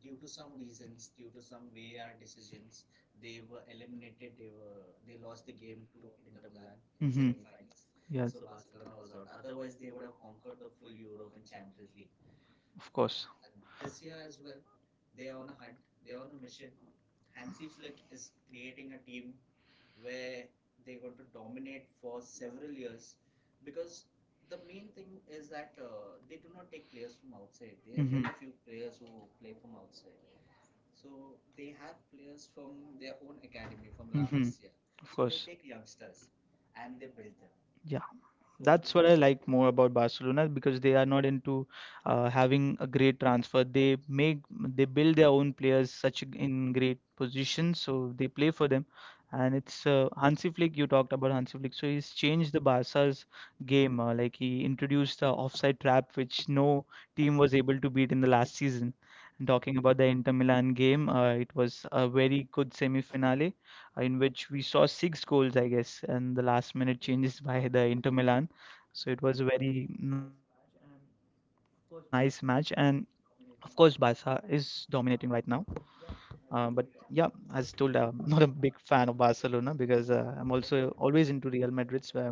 [SPEAKER 1] due to some reasons, due to some VAR decisions, they were eliminated. They lost the game to Inter Milan in
[SPEAKER 2] Mhm.
[SPEAKER 1] semi-finals.
[SPEAKER 2] Yes,
[SPEAKER 1] So Barcelona was out. Otherwise, they would have conquered the full Europe in Champions
[SPEAKER 2] league.
[SPEAKER 1] League. Of
[SPEAKER 2] Of
[SPEAKER 1] course.
[SPEAKER 2] course.
[SPEAKER 1] This year as well they are on a hunt, they are on a mission. Hansi Flick is creating a team where they're going to dominate for several years, because the main thing is that they do not take players from outside. They have
[SPEAKER 2] Mhm.
[SPEAKER 1] very few players who play from outside, so they have players from their own academy, from La <coughs>
[SPEAKER 2] Mhm.
[SPEAKER 1] Masia.
[SPEAKER 2] Of.
[SPEAKER 1] So
[SPEAKER 2] So.
[SPEAKER 1] they take youngsters and they build them.
[SPEAKER 2] Yeah.
[SPEAKER 1] Yeah. So
[SPEAKER 2] That's
[SPEAKER 1] that's
[SPEAKER 2] what
[SPEAKER 1] what
[SPEAKER 2] I
[SPEAKER 1] they're achieving.
[SPEAKER 2] like more about Barcelona because they are not into having a great transfer. They build their own players such in great positions, so they play for them.
[SPEAKER 1] And
[SPEAKER 2] And
[SPEAKER 1] it's
[SPEAKER 2] it's Hansi Flick. You talked about Hansi Flick, so he's changed the Barca's
[SPEAKER 1] game
[SPEAKER 2] game. Like, he introduced the offside trap, which no
[SPEAKER 1] team
[SPEAKER 2] team
[SPEAKER 1] was
[SPEAKER 2] was able to beat in the last season. And talking
[SPEAKER 1] talking
[SPEAKER 2] about
[SPEAKER 1] about
[SPEAKER 2] the Inter Milan game, it was a very good
[SPEAKER 1] semi
[SPEAKER 2] semi-finale
[SPEAKER 1] in
[SPEAKER 2] in
[SPEAKER 1] with
[SPEAKER 2] which we saw
[SPEAKER 1] six
[SPEAKER 2] six
[SPEAKER 1] goals,
[SPEAKER 2] goals, I
[SPEAKER 1] I guess.
[SPEAKER 2] guess,
[SPEAKER 1] And in
[SPEAKER 2] and the
[SPEAKER 1] the last
[SPEAKER 2] last
[SPEAKER 1] minute,
[SPEAKER 2] minute
[SPEAKER 1] yes, changes
[SPEAKER 2] changes
[SPEAKER 1] by
[SPEAKER 2] by
[SPEAKER 1] the
[SPEAKER 2] the
[SPEAKER 1] Inter
[SPEAKER 2] Inter
[SPEAKER 1] Milan,
[SPEAKER 2] Milan. So
[SPEAKER 1] so it
[SPEAKER 2] it
[SPEAKER 1] was
[SPEAKER 2] was a
[SPEAKER 1] a very
[SPEAKER 2] very
[SPEAKER 1] nice
[SPEAKER 2] nice
[SPEAKER 1] match.
[SPEAKER 2] match,
[SPEAKER 1] And
[SPEAKER 2] and
[SPEAKER 1] of
[SPEAKER 2] of course,
[SPEAKER 1] course, Barca
[SPEAKER 2] Barca
[SPEAKER 1] is
[SPEAKER 2] is
[SPEAKER 1] dominating
[SPEAKER 2] dominating
[SPEAKER 1] right
[SPEAKER 2] right
[SPEAKER 1] now.
[SPEAKER 2] now.
[SPEAKER 1] But
[SPEAKER 2] But yeah,
[SPEAKER 1] yeah, as
[SPEAKER 2] as
[SPEAKER 1] told,
[SPEAKER 2] told, <laughs>
[SPEAKER 1] I'm
[SPEAKER 2] not a
[SPEAKER 1] a big
[SPEAKER 2] big
[SPEAKER 1] fan
[SPEAKER 2] fan
[SPEAKER 1] of
[SPEAKER 2] of
[SPEAKER 1] Barcelona
[SPEAKER 2] Barcelona
[SPEAKER 1] because
[SPEAKER 2] because
[SPEAKER 1] I'm
[SPEAKER 2] I'm
[SPEAKER 1] also
[SPEAKER 2] also
[SPEAKER 1] always
[SPEAKER 2] always
[SPEAKER 1] into
[SPEAKER 2] into
[SPEAKER 1] Real
[SPEAKER 2] Real
[SPEAKER 1] Madrid.
[SPEAKER 2] Madrid. So
[SPEAKER 1] So
[SPEAKER 2] I-
[SPEAKER 1] I
[SPEAKER 2] when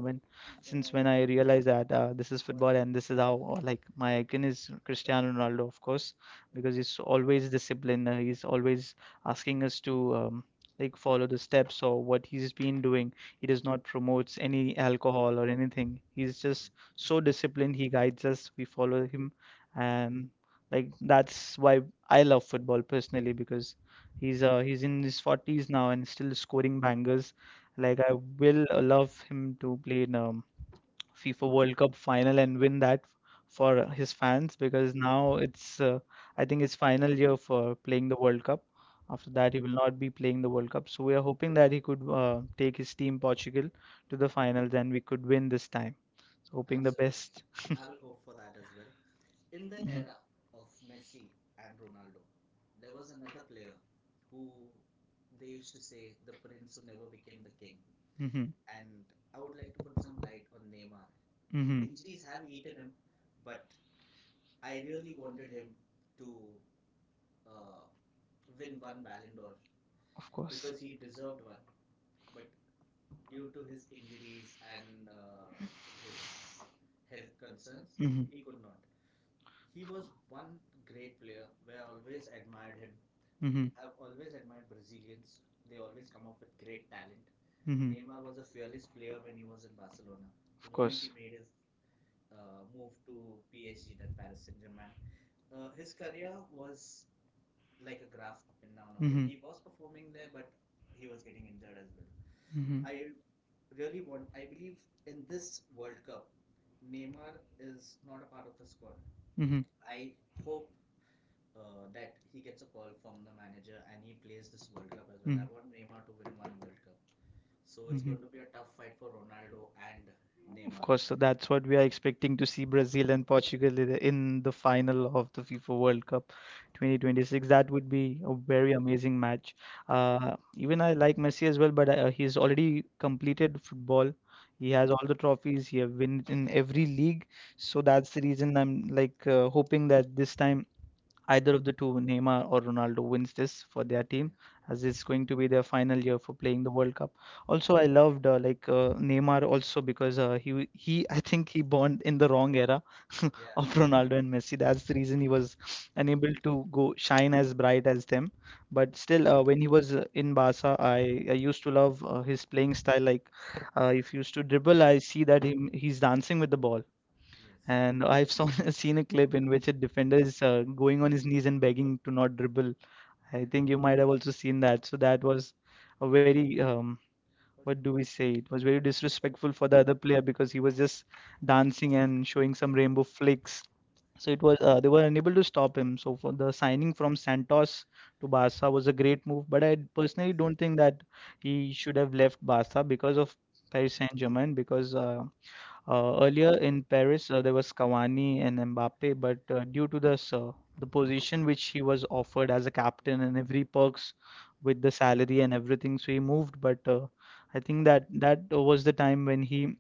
[SPEAKER 1] since
[SPEAKER 2] since
[SPEAKER 1] when
[SPEAKER 2] when
[SPEAKER 1] I
[SPEAKER 2] I
[SPEAKER 1] realized
[SPEAKER 2] realized that this
[SPEAKER 1] this is
[SPEAKER 2] is football
[SPEAKER 1] football and
[SPEAKER 2] and
[SPEAKER 1] this
[SPEAKER 2] this
[SPEAKER 1] is
[SPEAKER 2] is
[SPEAKER 1] how
[SPEAKER 2] how
[SPEAKER 1] like
[SPEAKER 2] or
[SPEAKER 1] my
[SPEAKER 2] like
[SPEAKER 1] guess
[SPEAKER 2] my icon
[SPEAKER 1] is
[SPEAKER 2] is
[SPEAKER 1] Cristiano
[SPEAKER 2] Cristiano
[SPEAKER 1] Ronaldo
[SPEAKER 2] Ronaldo, of
[SPEAKER 1] football,
[SPEAKER 2] course,
[SPEAKER 1] because
[SPEAKER 2] because
[SPEAKER 1] he's
[SPEAKER 2] he's
[SPEAKER 1] always
[SPEAKER 2] always
[SPEAKER 1] disciplined
[SPEAKER 2] disciplined.
[SPEAKER 1] and he's
[SPEAKER 2] He's
[SPEAKER 1] always
[SPEAKER 2] always
[SPEAKER 1] asking
[SPEAKER 2] asking
[SPEAKER 1] us
[SPEAKER 2] us to
[SPEAKER 1] to like
[SPEAKER 2] like follow
[SPEAKER 1] follow
[SPEAKER 2] the
[SPEAKER 1] the steps.
[SPEAKER 2] steps
[SPEAKER 1] So,
[SPEAKER 2] or what he's been doing.
[SPEAKER 1] he
[SPEAKER 2] He does
[SPEAKER 1] does not
[SPEAKER 2] not
[SPEAKER 1] promote
[SPEAKER 2] promotes
[SPEAKER 1] any.
[SPEAKER 2] any alcohol or anything.
[SPEAKER 1] He's
[SPEAKER 2] He's
[SPEAKER 1] just
[SPEAKER 2] just
[SPEAKER 1] so
[SPEAKER 2] so
[SPEAKER 1] disciplined.
[SPEAKER 2] disciplined. He guides us. We follow him, and
[SPEAKER 1] And,
[SPEAKER 2] like
[SPEAKER 1] like
[SPEAKER 2] that's why I love football personally because he's
[SPEAKER 1] he's a
[SPEAKER 2] uh he's in his
[SPEAKER 1] got the
[SPEAKER 2] 40s now and still
[SPEAKER 1] scoring
[SPEAKER 2] scoring
[SPEAKER 1] back.
[SPEAKER 2] bangers.
[SPEAKER 1] Like
[SPEAKER 2] Like
[SPEAKER 1] I
[SPEAKER 2] I will love him to play in
[SPEAKER 1] FIFA
[SPEAKER 2] FIFA
[SPEAKER 1] World
[SPEAKER 2] World
[SPEAKER 1] Cup
[SPEAKER 2] Cup final and win that
[SPEAKER 1] for
[SPEAKER 2] for
[SPEAKER 1] his
[SPEAKER 2] his
[SPEAKER 1] fans
[SPEAKER 2] fans
[SPEAKER 1] because
[SPEAKER 2] because now it's
[SPEAKER 1] uh,
[SPEAKER 2] I
[SPEAKER 1] I
[SPEAKER 2] think
[SPEAKER 1] think
[SPEAKER 2] it's final year for playing the World Cup. After
[SPEAKER 1] after that
[SPEAKER 2] that, he
[SPEAKER 1] he
[SPEAKER 2] will not be playing the World Cup. So we are hoping that he could take his team
[SPEAKER 1] watched
[SPEAKER 2] Portugal to
[SPEAKER 1] to
[SPEAKER 2] the
[SPEAKER 1] the final.
[SPEAKER 2] finals and we could win this time. Hoping the
[SPEAKER 1] Absolutely.
[SPEAKER 2] best.
[SPEAKER 1] I will hope for that as well. In the
[SPEAKER 2] Hmm
[SPEAKER 1] era of Messi and Ronaldo, there was another player who they used to say the prince who never became the king. Mhm.
[SPEAKER 2] hmm
[SPEAKER 1] And I would like to put some light on Neymar. Mhm.
[SPEAKER 2] hmm
[SPEAKER 1] Injuries have eaten him, but I really wanted him to uh, win one Ballon d'Or
[SPEAKER 2] Of course.
[SPEAKER 1] because he deserved one, but due to his injuries and his health concerns, mhm,
[SPEAKER 2] Mhm.
[SPEAKER 1] he could not. He was one great player where I always admired him. Mhm.
[SPEAKER 2] Mm-hmm.
[SPEAKER 1] I've always admired Brazilians. They always come up with great talent. Mhm.
[SPEAKER 2] Mm-hmm.
[SPEAKER 1] Neymar was a fearless player when he was in Barcelona. The moment
[SPEAKER 2] Of
[SPEAKER 1] he made his move to PSG, that Paris Saint Germain, his career was like a graph up and down, up and
[SPEAKER 2] Mhm.
[SPEAKER 1] he was performing there, but he was getting injured as well.
[SPEAKER 2] Mm-hmm.
[SPEAKER 1] I really want. I believe in this World Cup, Neymar is not a part of the squad.
[SPEAKER 2] Mm-hmm. He
[SPEAKER 1] I hope that he gets a call from the manager and he plays this World Cup as well. I
[SPEAKER 2] Mhm.
[SPEAKER 1] want Neymar to win one World Cup. So it's going
[SPEAKER 2] Mhm.
[SPEAKER 1] to be a tough fight for Ronaldo and
[SPEAKER 2] Of
[SPEAKER 1] Neymar.
[SPEAKER 2] course, so that's what we are expecting to see Brazil and Portugal in the final of the FIFA World Cup
[SPEAKER 1] 2020.
[SPEAKER 2] 2026. That would be a very amazing match.
[SPEAKER 1] Uh,
[SPEAKER 2] Even I like Messi as well, but he's already completed
[SPEAKER 1] ball.
[SPEAKER 2] football. He
[SPEAKER 1] He has.
[SPEAKER 2] has all the trophies. He have won in every league. So that's the reason I'm like
[SPEAKER 1] Uh,
[SPEAKER 2] hoping that this time either of the two, Neymar or Ronaldo, wins this
[SPEAKER 1] oh,
[SPEAKER 2] for their
[SPEAKER 1] yes.
[SPEAKER 2] team, as it's going to be their final year for playing the World Cup. Also, I loved Neymar also because he I think he born in the wrong era <laughs>
[SPEAKER 1] <laughs> Yeah.
[SPEAKER 2] of Ronaldo and Messi. That's the reason he was
[SPEAKER 1] And
[SPEAKER 2] unable to go shine as bright as them.
[SPEAKER 1] but
[SPEAKER 2] But still, when he was in Barca, I used to love his playing
[SPEAKER 1] I
[SPEAKER 2] style.
[SPEAKER 1] like
[SPEAKER 2] Like
[SPEAKER 1] uh,
[SPEAKER 2] if he used to dribble, I see that
[SPEAKER 1] that,
[SPEAKER 2] him he's dancing with the ball.
[SPEAKER 1] yes,
[SPEAKER 2] And <laughs> seen a clip
[SPEAKER 1] in
[SPEAKER 2] in
[SPEAKER 1] which
[SPEAKER 2] which a defender is
[SPEAKER 1] I,
[SPEAKER 2] going on his knees and begging to not dribble.
[SPEAKER 1] yeah,
[SPEAKER 2] I
[SPEAKER 1] think
[SPEAKER 2] think you might have also seen
[SPEAKER 1] that
[SPEAKER 2] that. So
[SPEAKER 1] that
[SPEAKER 2] that
[SPEAKER 1] was
[SPEAKER 2] was
[SPEAKER 1] a
[SPEAKER 2] a
[SPEAKER 1] very
[SPEAKER 2] very,
[SPEAKER 1] what
[SPEAKER 2] what
[SPEAKER 1] do
[SPEAKER 2] do
[SPEAKER 1] we
[SPEAKER 2] we
[SPEAKER 1] say
[SPEAKER 2] say? It
[SPEAKER 1] a
[SPEAKER 2] was
[SPEAKER 1] very
[SPEAKER 2] very
[SPEAKER 1] disrespectful
[SPEAKER 2] disrespectful
[SPEAKER 1] for
[SPEAKER 2] for
[SPEAKER 1] the
[SPEAKER 2] the
[SPEAKER 1] other
[SPEAKER 2] other
[SPEAKER 1] players
[SPEAKER 2] player
[SPEAKER 1] because
[SPEAKER 2] because
[SPEAKER 1] he
[SPEAKER 2] he
[SPEAKER 1] was
[SPEAKER 2] was
[SPEAKER 1] just
[SPEAKER 2] just
[SPEAKER 1] dancing
[SPEAKER 2] dancing
[SPEAKER 1] and
[SPEAKER 2] and
[SPEAKER 1] doing
[SPEAKER 2] showing
[SPEAKER 1] some
[SPEAKER 2] some
[SPEAKER 1] kind of
[SPEAKER 2] rainbow
[SPEAKER 1] plays.
[SPEAKER 2] flicks.
[SPEAKER 1] So
[SPEAKER 2] So
[SPEAKER 1] it
[SPEAKER 2] it
[SPEAKER 1] was
[SPEAKER 2] was they were unable
[SPEAKER 1] to
[SPEAKER 2] to
[SPEAKER 1] stop
[SPEAKER 2] stop
[SPEAKER 1] him.
[SPEAKER 2] him.
[SPEAKER 1] So
[SPEAKER 2] So
[SPEAKER 1] for
[SPEAKER 2] for
[SPEAKER 1] the
[SPEAKER 2] the
[SPEAKER 1] sign
[SPEAKER 2] signing from Santos to
[SPEAKER 1] to bar,
[SPEAKER 2] Barca was a great move, but I personally don't think that he should
[SPEAKER 1] he
[SPEAKER 2] have left Barca because of Paris
[SPEAKER 1] very
[SPEAKER 2] Saint-Germain because
[SPEAKER 1] uh,
[SPEAKER 2] earlier in Paris, there was Cavani and Mbappe, but due to this,
[SPEAKER 1] the
[SPEAKER 2] the
[SPEAKER 1] position.
[SPEAKER 2] position which he was offered as a captain and
[SPEAKER 1] Mm-hmm.
[SPEAKER 2] every perks with the salary and everything, so he moved. But
[SPEAKER 1] I
[SPEAKER 2] I
[SPEAKER 1] think
[SPEAKER 2] think that was the time when he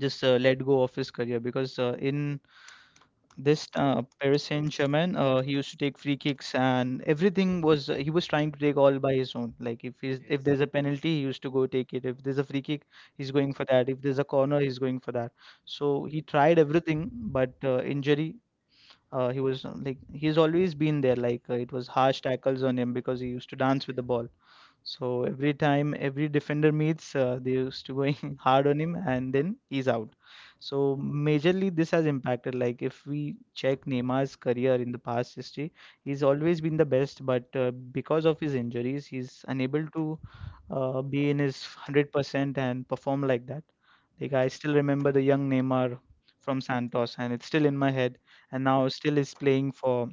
[SPEAKER 1] just let
[SPEAKER 2] let go of his career
[SPEAKER 1] us
[SPEAKER 2] because in
[SPEAKER 1] this
[SPEAKER 2] this Paris
[SPEAKER 1] Paris Saint Germain
[SPEAKER 2] Saint-Germain, he
[SPEAKER 1] used
[SPEAKER 2] used to
[SPEAKER 1] to
[SPEAKER 2] take
[SPEAKER 1] take
[SPEAKER 2] free
[SPEAKER 1] kicks
[SPEAKER 2] kicks
[SPEAKER 1] and
[SPEAKER 2] and
[SPEAKER 1] everything
[SPEAKER 2] everything
[SPEAKER 1] was
[SPEAKER 2] was he
[SPEAKER 1] he was
[SPEAKER 2] was
[SPEAKER 1] trying
[SPEAKER 2] trying
[SPEAKER 1] to
[SPEAKER 2] to
[SPEAKER 1] do
[SPEAKER 2] take
[SPEAKER 1] all
[SPEAKER 2] all
[SPEAKER 1] by
[SPEAKER 2] by
[SPEAKER 1] his
[SPEAKER 2] his own.
[SPEAKER 1] like
[SPEAKER 2] Like
[SPEAKER 1] yes,
[SPEAKER 2] if
[SPEAKER 1] like,
[SPEAKER 2] there's a penalty, he used to go take it. If there's a free kick,
[SPEAKER 1] he's
[SPEAKER 2] he's
[SPEAKER 1] going
[SPEAKER 2] going
[SPEAKER 1] to
[SPEAKER 2] for that. If there's
[SPEAKER 1] the
[SPEAKER 2] a corner,
[SPEAKER 1] corner,
[SPEAKER 2] he's
[SPEAKER 1] he's
[SPEAKER 2] going for that. So he
[SPEAKER 1] tried
[SPEAKER 2] tried
[SPEAKER 1] it,
[SPEAKER 2] everything,
[SPEAKER 1] but
[SPEAKER 2] but injury he
[SPEAKER 1] he,
[SPEAKER 2] was he's always been there. Like it was harsh tackles on him because he used to dance with the ball.
[SPEAKER 1] so
[SPEAKER 2] So
[SPEAKER 1] it's,
[SPEAKER 2] every time every defender meets,
[SPEAKER 1] so
[SPEAKER 2] they used to going <laughs> hard on him, and then he's out. So majorly this has impacted.
[SPEAKER 1] happened, like
[SPEAKER 2] Like if
[SPEAKER 1] if he
[SPEAKER 2] we
[SPEAKER 1] check us again
[SPEAKER 2] check
[SPEAKER 1] past
[SPEAKER 2] Neymar's
[SPEAKER 1] history,
[SPEAKER 2] career in the past history,
[SPEAKER 1] he's
[SPEAKER 2] he's
[SPEAKER 1] always
[SPEAKER 2] always been
[SPEAKER 1] been
[SPEAKER 2] the
[SPEAKER 1] the best,
[SPEAKER 2] best,
[SPEAKER 1] but
[SPEAKER 2] but
[SPEAKER 1] because
[SPEAKER 2] because
[SPEAKER 1] of
[SPEAKER 2] of his
[SPEAKER 1] his
[SPEAKER 2] injuries, he's
[SPEAKER 1] injuries,
[SPEAKER 2] unable to
[SPEAKER 1] he's unable.
[SPEAKER 2] be in
[SPEAKER 1] He is
[SPEAKER 2] his
[SPEAKER 1] 100%
[SPEAKER 2] 100%
[SPEAKER 1] the
[SPEAKER 2] and perform like that.
[SPEAKER 1] That's
[SPEAKER 2] Like I
[SPEAKER 1] guys
[SPEAKER 2] still remember the young Neymar
[SPEAKER 1] from
[SPEAKER 2] from
[SPEAKER 1] San
[SPEAKER 2] Santos, and it's still in my head and
[SPEAKER 1] Ana,
[SPEAKER 2] now still is playing for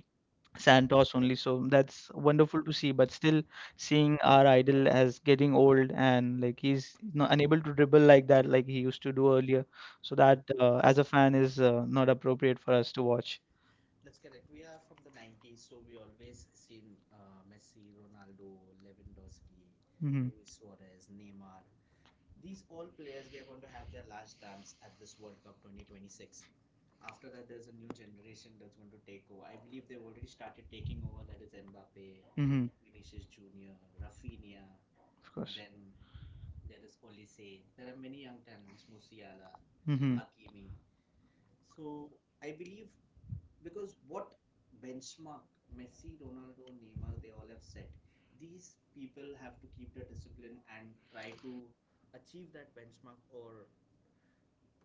[SPEAKER 1] San Dos.
[SPEAKER 2] Santos only. So that's wonderful to see. But still, seeing our idol as getting old and like he's not unable to dribble like that, like he used to do earlier. So that as a fan is not appropriate for us to watch.
[SPEAKER 1] That's correct. We are from the 90s, so we always seen Messi, Ronaldo, Lewandowski,
[SPEAKER 2] Hmm
[SPEAKER 1] Luis Suarez, Neymar. These all players, they're going to have their last dance at this World Cup 2026. After that, there's a new generation that's going to take over. I believe they've already started taking over. That is Mbappe,
[SPEAKER 2] hmm
[SPEAKER 1] Vinicius Junior, Rafinha.
[SPEAKER 2] Of course.
[SPEAKER 1] Then there is Olise. There are many young talents, Musiala,
[SPEAKER 2] Hmm
[SPEAKER 1] Kimi. So I believe because what benchmark Messi, Ronaldo, Neymar, they all have set. These people have to keep the discipline and try to achieve that benchmark or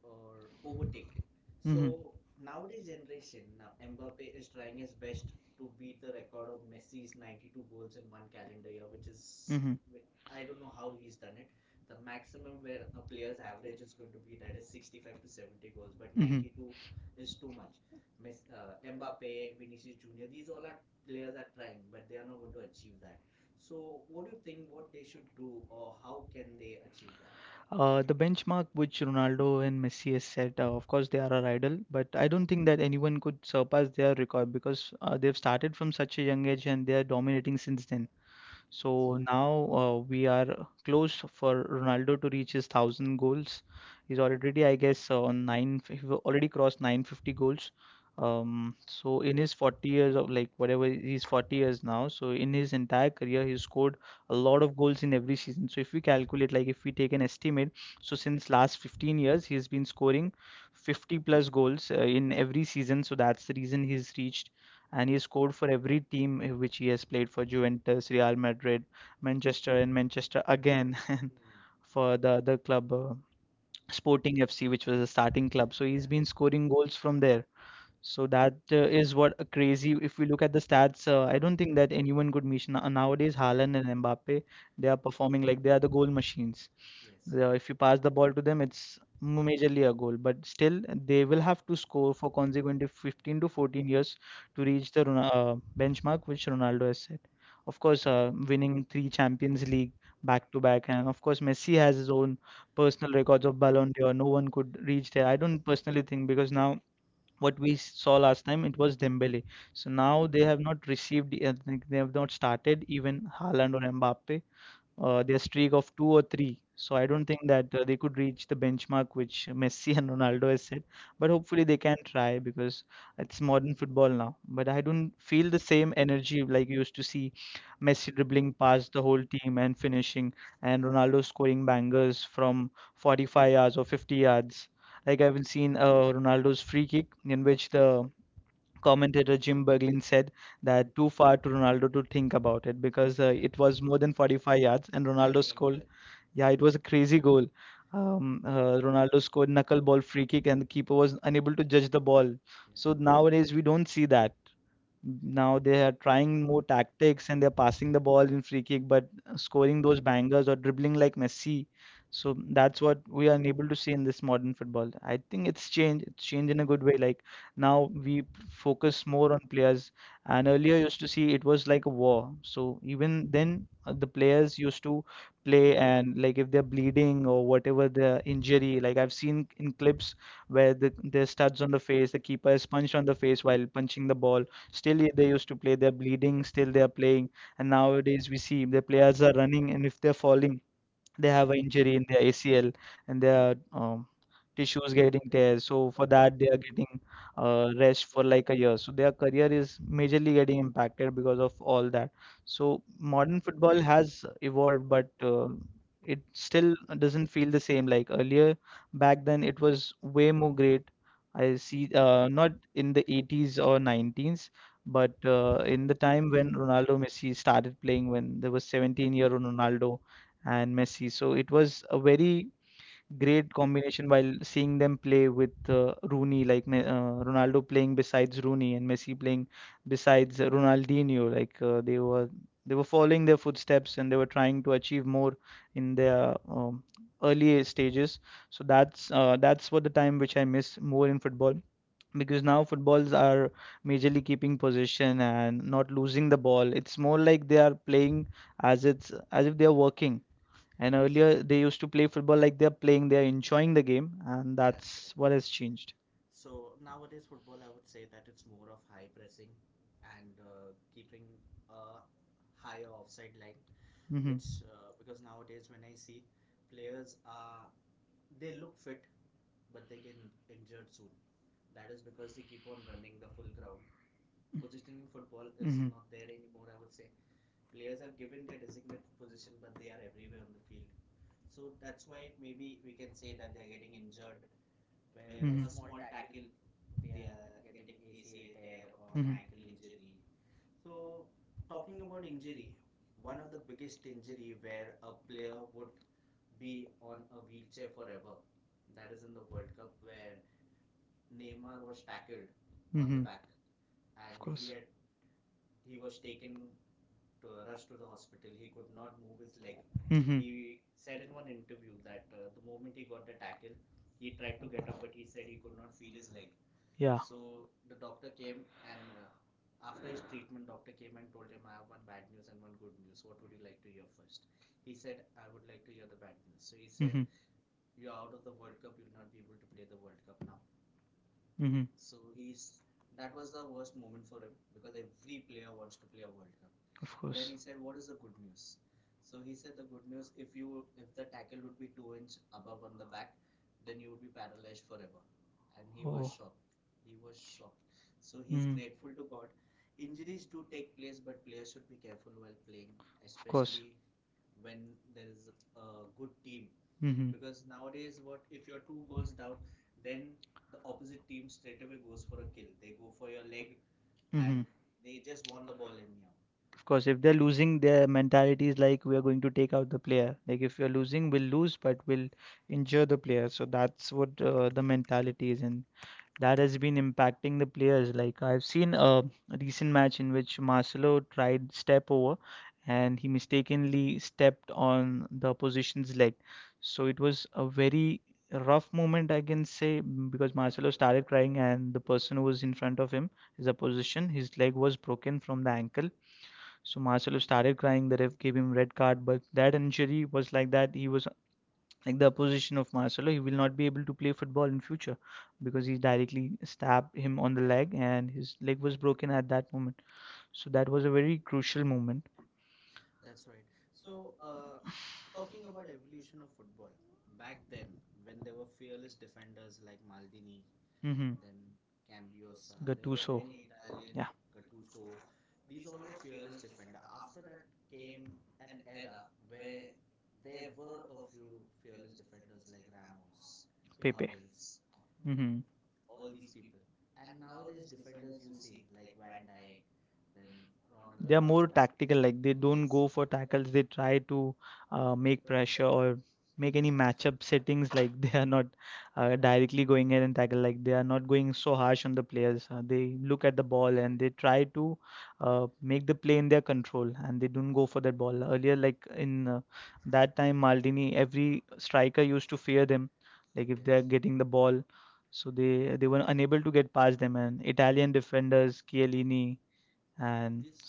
[SPEAKER 1] overtake it.
[SPEAKER 2] hmm
[SPEAKER 1] So nowadays generation now Mbappe is trying his best to beat the record of Messi's 92 goals in one calendar year, which is I don't know how he's done it. The maximum where a player's average is going to be that is
[SPEAKER 2] hmm
[SPEAKER 1] 65 to 70 goals, but
[SPEAKER 2] Mhm.
[SPEAKER 1] 92 is too much. Mbappe, Vinicius Junior, these all are players are trying, but they are not going to achieve that. So, what do you think? What they should do, or how can they achieve that?
[SPEAKER 2] The benchmark which Ronaldo and Messi has set, of course, they are our idol, but I don't think that anyone could surpass their record because they've started from such a young age and they are dominating since then.
[SPEAKER 1] So
[SPEAKER 2] So now we are close for Ronaldo to reach his 1,000 goals. He's
[SPEAKER 1] yes.
[SPEAKER 2] already, I guess, on nine. He already crossed 950 goals.
[SPEAKER 1] So for Herod, so
[SPEAKER 2] So
[SPEAKER 1] it's
[SPEAKER 2] in his 40 years of like whatever he's 40
[SPEAKER 1] 40.
[SPEAKER 2] years now, so in his entire career, he scored a lot of goals in every season.
[SPEAKER 1] So
[SPEAKER 2] So
[SPEAKER 1] if
[SPEAKER 2] if we
[SPEAKER 1] we calculate,
[SPEAKER 2] calculate, like
[SPEAKER 1] like if
[SPEAKER 2] if we
[SPEAKER 1] we
[SPEAKER 2] take
[SPEAKER 1] take
[SPEAKER 2] an
[SPEAKER 1] an
[SPEAKER 2] estimate,
[SPEAKER 1] estimate, so
[SPEAKER 2] so
[SPEAKER 1] since
[SPEAKER 2] since
[SPEAKER 1] last
[SPEAKER 2] last 15
[SPEAKER 1] 15 years,
[SPEAKER 2] years, he has
[SPEAKER 1] he's been
[SPEAKER 2] been
[SPEAKER 1] scoring
[SPEAKER 2] scoring
[SPEAKER 1] 50
[SPEAKER 2] 50
[SPEAKER 1] plus
[SPEAKER 2] plus goals in
[SPEAKER 1] goals
[SPEAKER 2] every season. So that's the reason he's reached and
[SPEAKER 1] in
[SPEAKER 2] he scored for every team in which he has played for Juventus, Real Madrid, Manchester,
[SPEAKER 1] Manchester.
[SPEAKER 2] and Manchester again <laughs> and
[SPEAKER 1] Hmm.
[SPEAKER 2] for
[SPEAKER 1] For
[SPEAKER 2] the
[SPEAKER 1] the
[SPEAKER 2] other club, Sporting FC, which was the starting club. So he's been scoring goals from there. So that is what a crazy. If we look at the stats, I don't think that anyone could match nowadays. Haaland and Mbappe, they are
[SPEAKER 1] their points.
[SPEAKER 2] performing like they are the goal machines.
[SPEAKER 1] Yes.
[SPEAKER 2] They if you
[SPEAKER 1] So
[SPEAKER 2] pass the ball to them,
[SPEAKER 1] if
[SPEAKER 2] it's
[SPEAKER 1] you
[SPEAKER 2] majorly a goal. But still, they will have to score for consecutive 15 to 14 years to reach the benchmark which Ronaldo has set.
[SPEAKER 1] of
[SPEAKER 2] Of
[SPEAKER 1] course,
[SPEAKER 2] course, winning three Champions League
[SPEAKER 1] back
[SPEAKER 2] back to back, and of course, Messi has his own
[SPEAKER 1] first,
[SPEAKER 2] personal records of Ballon d'Or. No one could reach there.
[SPEAKER 1] I
[SPEAKER 2] I
[SPEAKER 1] don't
[SPEAKER 2] don't
[SPEAKER 1] know
[SPEAKER 2] personally think because now
[SPEAKER 1] what.
[SPEAKER 2] what we saw last time it was Dembele.
[SPEAKER 1] So
[SPEAKER 2] So
[SPEAKER 1] now
[SPEAKER 2] now they have not received. I think they have not started even Haaland or Mbappe
[SPEAKER 1] they
[SPEAKER 2] their streak of two or three.
[SPEAKER 1] so
[SPEAKER 2] So
[SPEAKER 1] I
[SPEAKER 2] I don't
[SPEAKER 1] don't
[SPEAKER 2] think that they could
[SPEAKER 1] know
[SPEAKER 2] reach the
[SPEAKER 1] the benchmark
[SPEAKER 2] benchmark
[SPEAKER 1] which
[SPEAKER 2] which <laughs>
[SPEAKER 1] Messi
[SPEAKER 2] Messi
[SPEAKER 1] and
[SPEAKER 2] and Ronaldo
[SPEAKER 1] Ronaldo,
[SPEAKER 2] has set. But
[SPEAKER 1] but hopefully
[SPEAKER 2] hopefully they
[SPEAKER 1] they
[SPEAKER 2] can
[SPEAKER 1] can try
[SPEAKER 2] try
[SPEAKER 1] because
[SPEAKER 2] because
[SPEAKER 1] it's
[SPEAKER 2] it's modern
[SPEAKER 1] modern football
[SPEAKER 2] football
[SPEAKER 1] now.
[SPEAKER 2] now. But I don't
[SPEAKER 1] Didn't feel
[SPEAKER 2] feel the
[SPEAKER 1] the same
[SPEAKER 2] same
[SPEAKER 1] energy
[SPEAKER 2] energy like
[SPEAKER 1] like
[SPEAKER 2] you
[SPEAKER 1] you
[SPEAKER 2] used
[SPEAKER 1] used
[SPEAKER 2] to
[SPEAKER 1] to see
[SPEAKER 2] see Messi
[SPEAKER 1] Messi dribbling
[SPEAKER 2] dribbling
[SPEAKER 1] past
[SPEAKER 2] past the
[SPEAKER 1] the
[SPEAKER 2] whole
[SPEAKER 1] whole
[SPEAKER 2] team
[SPEAKER 1] team and
[SPEAKER 2] and
[SPEAKER 1] finishing,
[SPEAKER 2] finishing,
[SPEAKER 1] and
[SPEAKER 2] and
[SPEAKER 1] Ronaldo
[SPEAKER 2] Ronaldo
[SPEAKER 1] shooting
[SPEAKER 2] scoring
[SPEAKER 1] bangers
[SPEAKER 2] bangers
[SPEAKER 1] from
[SPEAKER 2] from
[SPEAKER 1] 45
[SPEAKER 2] 45 yards
[SPEAKER 1] yards
[SPEAKER 2] or
[SPEAKER 1] or
[SPEAKER 2] 50
[SPEAKER 1] 50 yards.
[SPEAKER 2] yards. Like I haven't seen
[SPEAKER 1] Uh,
[SPEAKER 2] Ronaldo's free kick in which
[SPEAKER 1] uh,
[SPEAKER 2] the
[SPEAKER 1] com-
[SPEAKER 2] Commentator Jim Berglund said
[SPEAKER 1] that
[SPEAKER 2] that
[SPEAKER 1] I
[SPEAKER 2] too far to Ronaldo to think about it because it was more than 45 yards and Ronaldo
[SPEAKER 1] remember
[SPEAKER 2] scored.
[SPEAKER 1] that. Yeah.
[SPEAKER 2] Yeah, it
[SPEAKER 1] Yeah.
[SPEAKER 2] was a crazy goal. Ronaldo scored knuckleball free kick and the keeper was unable to judge the ball. So
[SPEAKER 1] So,
[SPEAKER 2] nowadays we don't see that. Now they are trying more tactics and they're passing the ball in free kick, but scoring those bangers or dribbling like Messi. So that's what we are unable to see in this modern football. I think it's changed. It's changed in a good way. Like
[SPEAKER 1] so
[SPEAKER 2] now
[SPEAKER 1] we
[SPEAKER 2] we focus more on players, and earlier used to see it was like a war. So even
[SPEAKER 1] then
[SPEAKER 2] then, the players used to play and like if they're
[SPEAKER 1] you
[SPEAKER 2] bleeding
[SPEAKER 1] know
[SPEAKER 2] or
[SPEAKER 1] what
[SPEAKER 2] whatever the injury. Like
[SPEAKER 1] like
[SPEAKER 2] I've
[SPEAKER 1] I've seen
[SPEAKER 2] seen in clips
[SPEAKER 1] where
[SPEAKER 2] where
[SPEAKER 1] the
[SPEAKER 2] there's studs on the face, the keeper is punched on the
[SPEAKER 1] plays
[SPEAKER 2] face
[SPEAKER 1] while
[SPEAKER 2] while punching the
[SPEAKER 1] the
[SPEAKER 2] ball.
[SPEAKER 1] ball is
[SPEAKER 2] Still, they used to play. They're
[SPEAKER 1] leading.
[SPEAKER 2] bleeding. Still,
[SPEAKER 1] Yes.
[SPEAKER 2] they are playing. And nowadays, we see the players are running, and if they're
[SPEAKER 1] They're falling,
[SPEAKER 2] falling, they
[SPEAKER 1] they
[SPEAKER 2] have
[SPEAKER 1] have
[SPEAKER 2] an
[SPEAKER 1] an
[SPEAKER 2] injury
[SPEAKER 1] injury
[SPEAKER 2] in
[SPEAKER 1] in
[SPEAKER 2] their
[SPEAKER 1] their ACL
[SPEAKER 2] ACL
[SPEAKER 1] and
[SPEAKER 2] and
[SPEAKER 1] their
[SPEAKER 2] their
[SPEAKER 1] uh, tissues
[SPEAKER 2] tissues
[SPEAKER 1] get
[SPEAKER 2] getting tears.
[SPEAKER 1] impaired. So
[SPEAKER 2] So
[SPEAKER 1] for
[SPEAKER 2] for
[SPEAKER 1] that,
[SPEAKER 2] that, they
[SPEAKER 1] they
[SPEAKER 2] are
[SPEAKER 1] are getting
[SPEAKER 2] getting
[SPEAKER 1] rest
[SPEAKER 2] rest for
[SPEAKER 1] for like
[SPEAKER 2] like a year. So their career is majorly getting
[SPEAKER 1] impacted
[SPEAKER 2] impacted because
[SPEAKER 1] because
[SPEAKER 2] of
[SPEAKER 1] of all
[SPEAKER 2] all
[SPEAKER 1] that.
[SPEAKER 2] that.
[SPEAKER 1] So
[SPEAKER 2] So
[SPEAKER 1] modern
[SPEAKER 2] modern
[SPEAKER 1] football,
[SPEAKER 2] football has evolved,
[SPEAKER 1] but
[SPEAKER 2] but it still doesn't feel the same. Like earlier, back then, it was way more great. I
[SPEAKER 1] see
[SPEAKER 2] see,
[SPEAKER 1] that,
[SPEAKER 2] not in the 80s or 90s,
[SPEAKER 1] but
[SPEAKER 2] but in the time when Ronaldo Messi started playing, when there was
[SPEAKER 1] 17
[SPEAKER 2] 17-year-old Ronaldo and Messi. So it was a very great combination while seeing them play with Rooney, like Ronaldo playing besides Rooney and Messi playing besides Ronaldinho. Like they were
[SPEAKER 1] falling
[SPEAKER 2] following their
[SPEAKER 1] their
[SPEAKER 2] footsteps and they were trying to achieve more in
[SPEAKER 1] in
[SPEAKER 2] their
[SPEAKER 1] their
[SPEAKER 2] early stages. So that's what the time which I miss more in football because now footballs are majorly keeping possession and not losing the
[SPEAKER 1] the ball.
[SPEAKER 2] ball. It's more like they are playing as it's as if they are working. And earlier they used to play football like they're playing, they're enjoying the game, and
[SPEAKER 1] That's
[SPEAKER 2] that's what
[SPEAKER 1] correct.
[SPEAKER 2] has changed.
[SPEAKER 1] So nowadays, football, I would say that it's more of high pressing and keeping a higher offside line,
[SPEAKER 2] Mm-hmm.
[SPEAKER 1] which because nowadays when I see players are they look fit, but they get injured soon. That is because they keep on running the full ground. Positioning football is
[SPEAKER 2] Mm-hmm.
[SPEAKER 1] not there
[SPEAKER 2] hmm
[SPEAKER 1] anymore. I would say players have given their designated position, but they are everywhere on the field. So that's why maybe we can say that they're getting injured where a small tackle they are getting ACL tear or an ankle injury. So talking about injury, one of the biggest injury where a player would be on a wheelchair forever. That is in the World Cup where Neymar was tackled
[SPEAKER 2] hmm
[SPEAKER 1] on the
[SPEAKER 2] hmm
[SPEAKER 1] back and
[SPEAKER 2] Of course.
[SPEAKER 1] he was taken to rush to the hospital. He could not move his leg. Mm-hmm.
[SPEAKER 2] Hmm
[SPEAKER 1] He said in one interview that the moment he got the tackle, he tried to get up, but he said he could not feel his leg. Yeah.
[SPEAKER 2] Yeah.
[SPEAKER 1] So the doctor came and after his treatment, doctor came and told him, "I have one bad news and one good news. What would you like to hear first? He said, "I would like to hear the bad news." So he said,
[SPEAKER 2] hmm
[SPEAKER 1] mm-hmm. "You're out of the World Cup. You'll not be able to play the World Cup now." Mhm.
[SPEAKER 2] hmm
[SPEAKER 1] So he's that was the worst moment for him because every player wants to play a World Cup.
[SPEAKER 2] Of
[SPEAKER 1] Of then
[SPEAKER 2] course.
[SPEAKER 1] course. He said, "What is the good news?" So he said, "The good news if the tackle would be 2 inch above on the back, then you would be paralyzed forever." And he was, wow, shocked. He was shocked. So he's, mhm, grateful to God. Injuries do take place, but players should be careful while playing, of
[SPEAKER 2] Oh.
[SPEAKER 1] course,
[SPEAKER 2] Mhm. Of course.
[SPEAKER 1] especially when there is a good team, mhm,
[SPEAKER 2] Hmm
[SPEAKER 1] because nowadays what if you're 2 goals down then the opposite team straight away goes for a kill. They go for your leg,
[SPEAKER 2] and hmm
[SPEAKER 1] and they just want the ball anyhow.
[SPEAKER 2] Of
[SPEAKER 1] Of course,
[SPEAKER 2] course, if they're losing, their mentality is like we are going to take out the player. Like if you're losing, we'll lose, but we'll
[SPEAKER 1] the
[SPEAKER 2] injure the
[SPEAKER 1] player,
[SPEAKER 2] player. So that's what
[SPEAKER 1] the
[SPEAKER 2] the
[SPEAKER 1] mentality
[SPEAKER 2] mentality is in. That
[SPEAKER 1] that has
[SPEAKER 2] has been
[SPEAKER 1] been in match
[SPEAKER 2] impacting the players. Like I've seen a recent match in
[SPEAKER 1] in which
[SPEAKER 2] which Marcelo tried step over
[SPEAKER 1] and
[SPEAKER 2] and he
[SPEAKER 1] he mistakes
[SPEAKER 2] mistakenly stepped
[SPEAKER 1] on.
[SPEAKER 2] on the opposition's leg.
[SPEAKER 1] So
[SPEAKER 2] So
[SPEAKER 1] it
[SPEAKER 2] it
[SPEAKER 1] was
[SPEAKER 2] was
[SPEAKER 1] a
[SPEAKER 2] a very
[SPEAKER 1] tough
[SPEAKER 2] rough
[SPEAKER 1] moment
[SPEAKER 2] moment, I
[SPEAKER 1] and
[SPEAKER 2] can say, because
[SPEAKER 1] because of the
[SPEAKER 2] Marcelo started crying and the person who was in front of him, his opposition,
[SPEAKER 1] position.
[SPEAKER 2] his leg was broken from the ankle.
[SPEAKER 1] So
[SPEAKER 2] So
[SPEAKER 1] master
[SPEAKER 2] Marcelo started crying.
[SPEAKER 1] trying
[SPEAKER 2] The
[SPEAKER 1] whether
[SPEAKER 2] ref gave
[SPEAKER 1] he
[SPEAKER 2] him
[SPEAKER 1] red
[SPEAKER 2] red
[SPEAKER 1] card,
[SPEAKER 2] card, but that injury was like
[SPEAKER 1] red
[SPEAKER 2] that.
[SPEAKER 1] card,
[SPEAKER 2] He was like
[SPEAKER 1] like
[SPEAKER 2] the
[SPEAKER 1] the
[SPEAKER 2] position of Marcelo, he will not be able to play
[SPEAKER 1] because
[SPEAKER 2] football in future because he
[SPEAKER 1] he died
[SPEAKER 2] directly stabbed him on
[SPEAKER 1] on
[SPEAKER 2] the
[SPEAKER 1] the, yeah, line
[SPEAKER 2] leg and his
[SPEAKER 1] and it
[SPEAKER 2] leg
[SPEAKER 1] was
[SPEAKER 2] was
[SPEAKER 1] broken
[SPEAKER 2] broken at
[SPEAKER 1] at that
[SPEAKER 2] that moment.
[SPEAKER 1] moment.
[SPEAKER 2] So
[SPEAKER 1] So
[SPEAKER 2] that
[SPEAKER 1] that
[SPEAKER 2] was
[SPEAKER 1] was
[SPEAKER 2] a
[SPEAKER 1] a
[SPEAKER 2] very
[SPEAKER 1] very crucial
[SPEAKER 2] crucial
[SPEAKER 1] moment.
[SPEAKER 2] moment.
[SPEAKER 1] That's right. So, uh, Talking about evolution of football, back then when there were fearless defenders like Maldini,
[SPEAKER 2] Mm-hmm.
[SPEAKER 1] then Cambiosa, there were Gattuso.
[SPEAKER 2] Gattuso.
[SPEAKER 1] Many Italian
[SPEAKER 2] Yeah,
[SPEAKER 1] Gattuso. These all were fearless defender. After that came an era where there were a few fearless defenders like Ramos, Pele.
[SPEAKER 2] Pepe.
[SPEAKER 1] Hummels, Mhm.
[SPEAKER 2] Mm-hmm.
[SPEAKER 1] all these people. And nowadays defenders you see like Van Dijk, then Ronald They
[SPEAKER 2] They are
[SPEAKER 1] are more
[SPEAKER 2] more
[SPEAKER 1] Araujo.
[SPEAKER 2] tactical, like they don't go for tackles. They try to make pressure
[SPEAKER 1] Pressure.
[SPEAKER 2] or make any matchup settings.
[SPEAKER 1] Ball and
[SPEAKER 2] Like <laughs> they are not directly going in and tackle. Like they are not going so harsh on the players. They look at the ball and they try to
[SPEAKER 1] make
[SPEAKER 2] make the
[SPEAKER 1] the
[SPEAKER 2] play
[SPEAKER 1] play in
[SPEAKER 2] in their
[SPEAKER 1] their control.
[SPEAKER 2] control. And they
[SPEAKER 1] They don't
[SPEAKER 2] don't go
[SPEAKER 1] go for
[SPEAKER 2] for
[SPEAKER 1] the
[SPEAKER 2] that
[SPEAKER 1] ball.
[SPEAKER 2] ball. Earlier,
[SPEAKER 1] Earlier, like
[SPEAKER 2] like in
[SPEAKER 1] uh,
[SPEAKER 2] uh,
[SPEAKER 1] that
[SPEAKER 2] that
[SPEAKER 1] time,
[SPEAKER 2] time,
[SPEAKER 1] Maldini,
[SPEAKER 2] Maldini,
[SPEAKER 1] every
[SPEAKER 2] every
[SPEAKER 1] striker
[SPEAKER 2] striker
[SPEAKER 1] used
[SPEAKER 2] used to
[SPEAKER 1] to feel
[SPEAKER 2] fear them.
[SPEAKER 1] that
[SPEAKER 2] Like
[SPEAKER 1] if
[SPEAKER 2] if
[SPEAKER 1] yes.
[SPEAKER 2] they
[SPEAKER 1] they
[SPEAKER 2] are
[SPEAKER 1] are Yes. getting
[SPEAKER 2] getting the
[SPEAKER 1] the ball,
[SPEAKER 2] ball, so
[SPEAKER 1] they,
[SPEAKER 2] they
[SPEAKER 1] they
[SPEAKER 2] they
[SPEAKER 1] were
[SPEAKER 2] were
[SPEAKER 1] unable
[SPEAKER 2] unable
[SPEAKER 1] to
[SPEAKER 2] to
[SPEAKER 1] get
[SPEAKER 2] get
[SPEAKER 1] past
[SPEAKER 2] past
[SPEAKER 1] them.
[SPEAKER 2] them. And
[SPEAKER 1] Italian
[SPEAKER 2] Italian
[SPEAKER 1] defenders,
[SPEAKER 2] defenders,
[SPEAKER 1] Chiellini,
[SPEAKER 2] Chiellini
[SPEAKER 1] and
[SPEAKER 2] and
[SPEAKER 1] this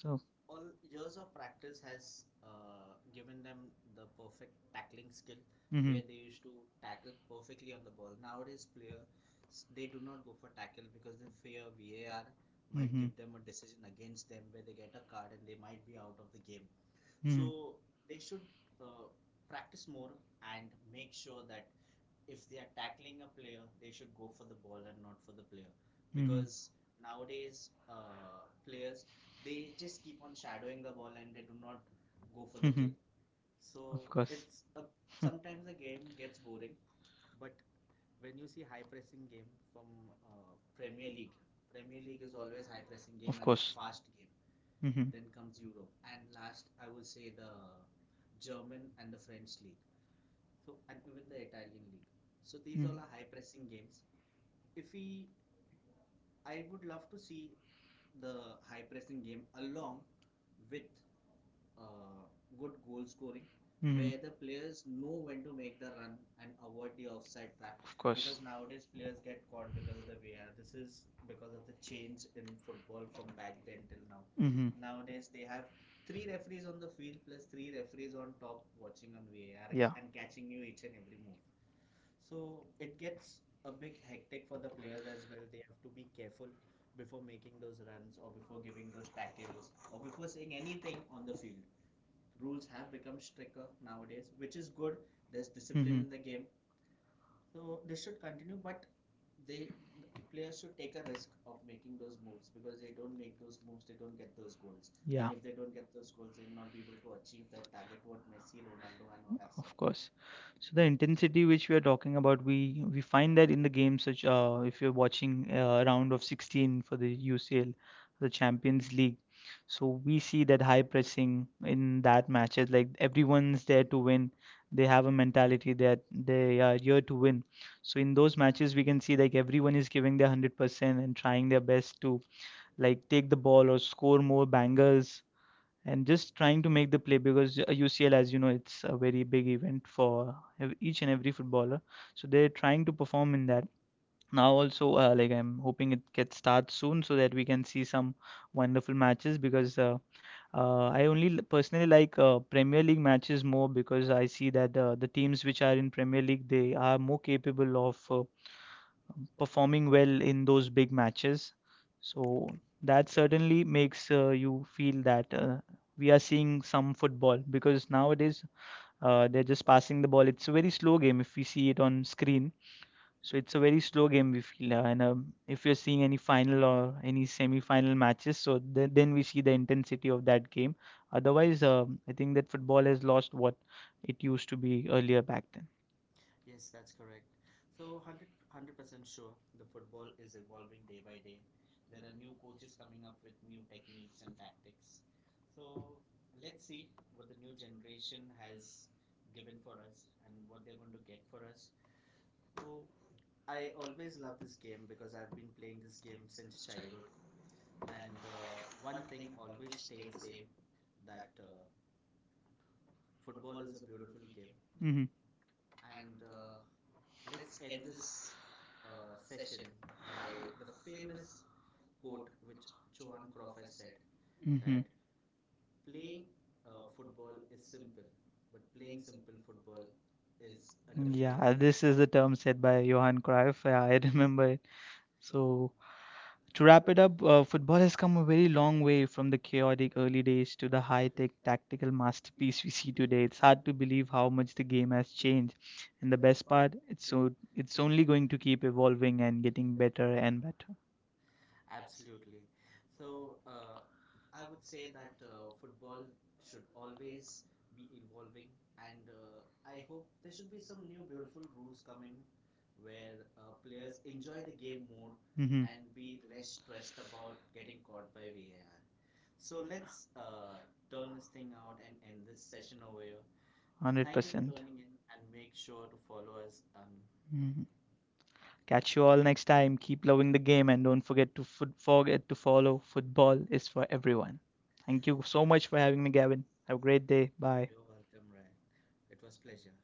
[SPEAKER 1] all years of practice has given them the perfect tackling skill, mhm,
[SPEAKER 2] hmm
[SPEAKER 1] where they used to tackle perfectly on the ball. Nowadays, players they do not go for tackle because they fear VAR might give them a decision against them where they get a card and they might be out of the game. So they should uh, practice more and make sure that if they are tackling a player, they should go for the ball and not for the player. Because nowadays, players they just keep on shadowing the ball and they do not go for the kill. So because it's a, sometimes the game gets boring, but when you see high pressing game from Premier League, Premier League is always high pressing game and because fast game.
[SPEAKER 2] hmm
[SPEAKER 1] Mhm. Then
[SPEAKER 2] hmm
[SPEAKER 1] comes Europe, and last I would say the German and the French league, so and even the Italian league. So these all are high pressing games. If we I would love to see the high pressing game along with uh, good goal scoring, mm, where the players know when to make the run and avoid the offside trap. Because nowadays players get caught because of the VAR. This is because of the change in football from back then till now. Mhm.
[SPEAKER 2] hmm
[SPEAKER 1] Nowadays they have three referees on the field plus three referees on top watching on VAR, yeah, and catching you each and every move. So it gets a big hectic for the players as well. They have to be careful before making those runs or before giving those tackles or before saying anything on the field. Rules have become stricter nowadays, which is good. There's
[SPEAKER 2] there's
[SPEAKER 1] discipline
[SPEAKER 2] hmm
[SPEAKER 1] in the game. So this should continue, but they the players should take a risk of making those moves because they don't make those moves, they don't get those goals. Yeah, and
[SPEAKER 2] yeah,
[SPEAKER 1] if they don't get those goals, they'll not be able to achieve that target what Messi, Ronaldo and all have
[SPEAKER 2] of
[SPEAKER 1] set. Course.
[SPEAKER 2] course. So the
[SPEAKER 1] Right.
[SPEAKER 2] intensity which we are talking about, we find that in the games such if you're
[SPEAKER 1] Right.
[SPEAKER 2] watching round of 16 for
[SPEAKER 1] For
[SPEAKER 2] the
[SPEAKER 1] the say
[SPEAKER 2] UCL, the
[SPEAKER 1] Champions
[SPEAKER 2] Champions
[SPEAKER 1] League.
[SPEAKER 2] League.
[SPEAKER 1] So
[SPEAKER 2] So
[SPEAKER 1] we
[SPEAKER 2] we see that high pressing in that matches. Like everyone's there to win. They have
[SPEAKER 1] have
[SPEAKER 2] a
[SPEAKER 1] a mentality.
[SPEAKER 2] mentality that they are here to win. So
[SPEAKER 1] So
[SPEAKER 2] in
[SPEAKER 1] those
[SPEAKER 2] those
[SPEAKER 1] matches,
[SPEAKER 2] matches, we can see
[SPEAKER 1] like
[SPEAKER 2] like
[SPEAKER 1] every,
[SPEAKER 2] everyone is giving their 100% and trying their best to
[SPEAKER 1] like,
[SPEAKER 2] like
[SPEAKER 1] take
[SPEAKER 2] take
[SPEAKER 1] the
[SPEAKER 2] the
[SPEAKER 1] ball
[SPEAKER 2] ball
[SPEAKER 1] or
[SPEAKER 2] or score
[SPEAKER 1] so.
[SPEAKER 2] more bangers and
[SPEAKER 1] And
[SPEAKER 2] just
[SPEAKER 1] just
[SPEAKER 2] trying to make the play because UCL, as you know, it's a
[SPEAKER 1] a big
[SPEAKER 2] very big
[SPEAKER 1] event
[SPEAKER 2] event
[SPEAKER 1] for
[SPEAKER 2] for
[SPEAKER 1] each
[SPEAKER 2] each and
[SPEAKER 1] and
[SPEAKER 2] every
[SPEAKER 1] every footballer.
[SPEAKER 2] footballer. So
[SPEAKER 1] So
[SPEAKER 2] they're trying
[SPEAKER 1] trying
[SPEAKER 2] to
[SPEAKER 1] to
[SPEAKER 2] perform
[SPEAKER 1] perform
[SPEAKER 2] in
[SPEAKER 1] in
[SPEAKER 2] that.
[SPEAKER 1] that.
[SPEAKER 2] Now
[SPEAKER 1] Now
[SPEAKER 2] also,
[SPEAKER 1] also, like,
[SPEAKER 2] like I'm hoping
[SPEAKER 1] hoping it
[SPEAKER 2] it
[SPEAKER 1] gets
[SPEAKER 2] gets
[SPEAKER 1] start
[SPEAKER 2] starts
[SPEAKER 1] soon
[SPEAKER 2] soon
[SPEAKER 1] so
[SPEAKER 2] so
[SPEAKER 1] that
[SPEAKER 2] that we
[SPEAKER 1] we can
[SPEAKER 2] can see
[SPEAKER 1] see some
[SPEAKER 2] some wonderful
[SPEAKER 1] wonderful matches
[SPEAKER 2] matches
[SPEAKER 1] because
[SPEAKER 2] because uh, uh,
[SPEAKER 1] I
[SPEAKER 2] I only
[SPEAKER 1] only
[SPEAKER 2] personally
[SPEAKER 1] personally like
[SPEAKER 2] like
[SPEAKER 1] Premier
[SPEAKER 2] Premier League
[SPEAKER 1] League matches
[SPEAKER 2] matches
[SPEAKER 1] more
[SPEAKER 2] more
[SPEAKER 1] because
[SPEAKER 2] because I
[SPEAKER 1] I
[SPEAKER 2] see
[SPEAKER 1] see that
[SPEAKER 2] that the teams which
[SPEAKER 1] which
[SPEAKER 2] are
[SPEAKER 1] are in
[SPEAKER 2] in Premier
[SPEAKER 1] Premier
[SPEAKER 2] League they are more
[SPEAKER 1] League
[SPEAKER 2] capable of
[SPEAKER 1] of performing
[SPEAKER 2] performing
[SPEAKER 1] well
[SPEAKER 2] well
[SPEAKER 1] in
[SPEAKER 2] in
[SPEAKER 1] those.
[SPEAKER 2] those big matches.
[SPEAKER 1] So
[SPEAKER 2] So that
[SPEAKER 1] that
[SPEAKER 2] certainly
[SPEAKER 1] suddenly
[SPEAKER 2] makes you feel
[SPEAKER 1] that,
[SPEAKER 2] that we are
[SPEAKER 1] being
[SPEAKER 2] seeing
[SPEAKER 1] some
[SPEAKER 2] some football
[SPEAKER 1] football is
[SPEAKER 2] because
[SPEAKER 1] now,
[SPEAKER 2] nowadays they're
[SPEAKER 1] they're just
[SPEAKER 2] just passing the ball. It's a very
[SPEAKER 1] slow
[SPEAKER 2] slow game
[SPEAKER 1] game if
[SPEAKER 2] if we
[SPEAKER 1] you see
[SPEAKER 2] see it
[SPEAKER 1] on
[SPEAKER 2] on
[SPEAKER 1] screen.
[SPEAKER 2] screen. So
[SPEAKER 1] So it's
[SPEAKER 2] it's a
[SPEAKER 1] a
[SPEAKER 2] very
[SPEAKER 1] very
[SPEAKER 2] slow
[SPEAKER 1] slow
[SPEAKER 2] game
[SPEAKER 1] game.
[SPEAKER 2] we
[SPEAKER 1] You
[SPEAKER 2] feel, and
[SPEAKER 1] know, and, if
[SPEAKER 2] if
[SPEAKER 1] we
[SPEAKER 2] you're
[SPEAKER 1] are seeing
[SPEAKER 2] seeing any
[SPEAKER 1] any final
[SPEAKER 2] final
[SPEAKER 1] or
[SPEAKER 2] or any semi-final
[SPEAKER 1] semi-final matches,
[SPEAKER 2] matches,
[SPEAKER 1] so
[SPEAKER 2] so then
[SPEAKER 1] they're
[SPEAKER 2] we see the intensity of
[SPEAKER 1] that
[SPEAKER 2] that
[SPEAKER 1] game.
[SPEAKER 2] game. Otherwise,
[SPEAKER 1] Because
[SPEAKER 2] I think that football
[SPEAKER 1] football is
[SPEAKER 2] has
[SPEAKER 1] lost.
[SPEAKER 2] lost what
[SPEAKER 1] It
[SPEAKER 2] it
[SPEAKER 1] used
[SPEAKER 2] used
[SPEAKER 1] to
[SPEAKER 2] to
[SPEAKER 1] be
[SPEAKER 2] be earlier
[SPEAKER 1] earlier.
[SPEAKER 2] back then.
[SPEAKER 1] Yes, that's correct. So 100% sure the football is evolving day by day. There are new coaches coming up with new techniques and tactics. So let's see what the new generation has given for us and what they're going to get for us. So I always love this game because I've been playing this game since childhood, and one thing always stay the same, that football is a beautiful game,
[SPEAKER 2] Mm-hmm.
[SPEAKER 1] and let's end this session by the famous quote which Johan Cruyff has said, mm-hmm, that
[SPEAKER 2] Mm-hmm.
[SPEAKER 1] playing football is simple, but playing simple football is a difficult,
[SPEAKER 2] Yeah,
[SPEAKER 1] yeah,
[SPEAKER 2] this is the
[SPEAKER 1] thing.
[SPEAKER 2] term said by Johan Cruyff. <laughs> Yeah, I remember it.
[SPEAKER 1] So,
[SPEAKER 2] So,
[SPEAKER 1] to
[SPEAKER 2] to
[SPEAKER 1] wrap
[SPEAKER 2] wrap
[SPEAKER 1] it,
[SPEAKER 2] it up, football has come a very long way from the chaotic early days to the high tech tactical
[SPEAKER 1] speaks we see
[SPEAKER 2] masterpiece we see today.
[SPEAKER 1] today,
[SPEAKER 2] It's hard to believe
[SPEAKER 1] believe
[SPEAKER 2] how
[SPEAKER 1] how much
[SPEAKER 2] much the game has
[SPEAKER 1] change
[SPEAKER 2] changed. And the
[SPEAKER 1] the best.
[SPEAKER 2] best part, it's
[SPEAKER 1] So,
[SPEAKER 2] so
[SPEAKER 1] it's
[SPEAKER 2] it's only
[SPEAKER 1] only
[SPEAKER 2] going
[SPEAKER 1] going
[SPEAKER 2] to
[SPEAKER 1] to keep.
[SPEAKER 2] keep evolving and getting better and better.
[SPEAKER 1] Absolutely. So, I would say that football should always be evolving, and I hope there should be some new beautiful rules come in where players enjoy the game more, mhm,
[SPEAKER 2] Mm-hmm.
[SPEAKER 1] and be less stressed about getting caught by VAR. So, let's turn this thing out and end this session over here. Thank you for
[SPEAKER 2] 100%.
[SPEAKER 1] 100%. Tuning in, and make sure to follow us on. Mm.
[SPEAKER 2] Mhm. Catch
[SPEAKER 1] Catch.
[SPEAKER 2] you all next time. Keep loving the game and don't forget to
[SPEAKER 1] Follow.
[SPEAKER 2] follow. Football is for everyone.
[SPEAKER 1] Thank
[SPEAKER 2] Thank
[SPEAKER 1] you
[SPEAKER 2] you
[SPEAKER 1] so
[SPEAKER 2] so much for having me,
[SPEAKER 1] much.
[SPEAKER 2] Gavin. Have a great day. Bye.
[SPEAKER 1] You're welcome, Ryan. It was pleasure.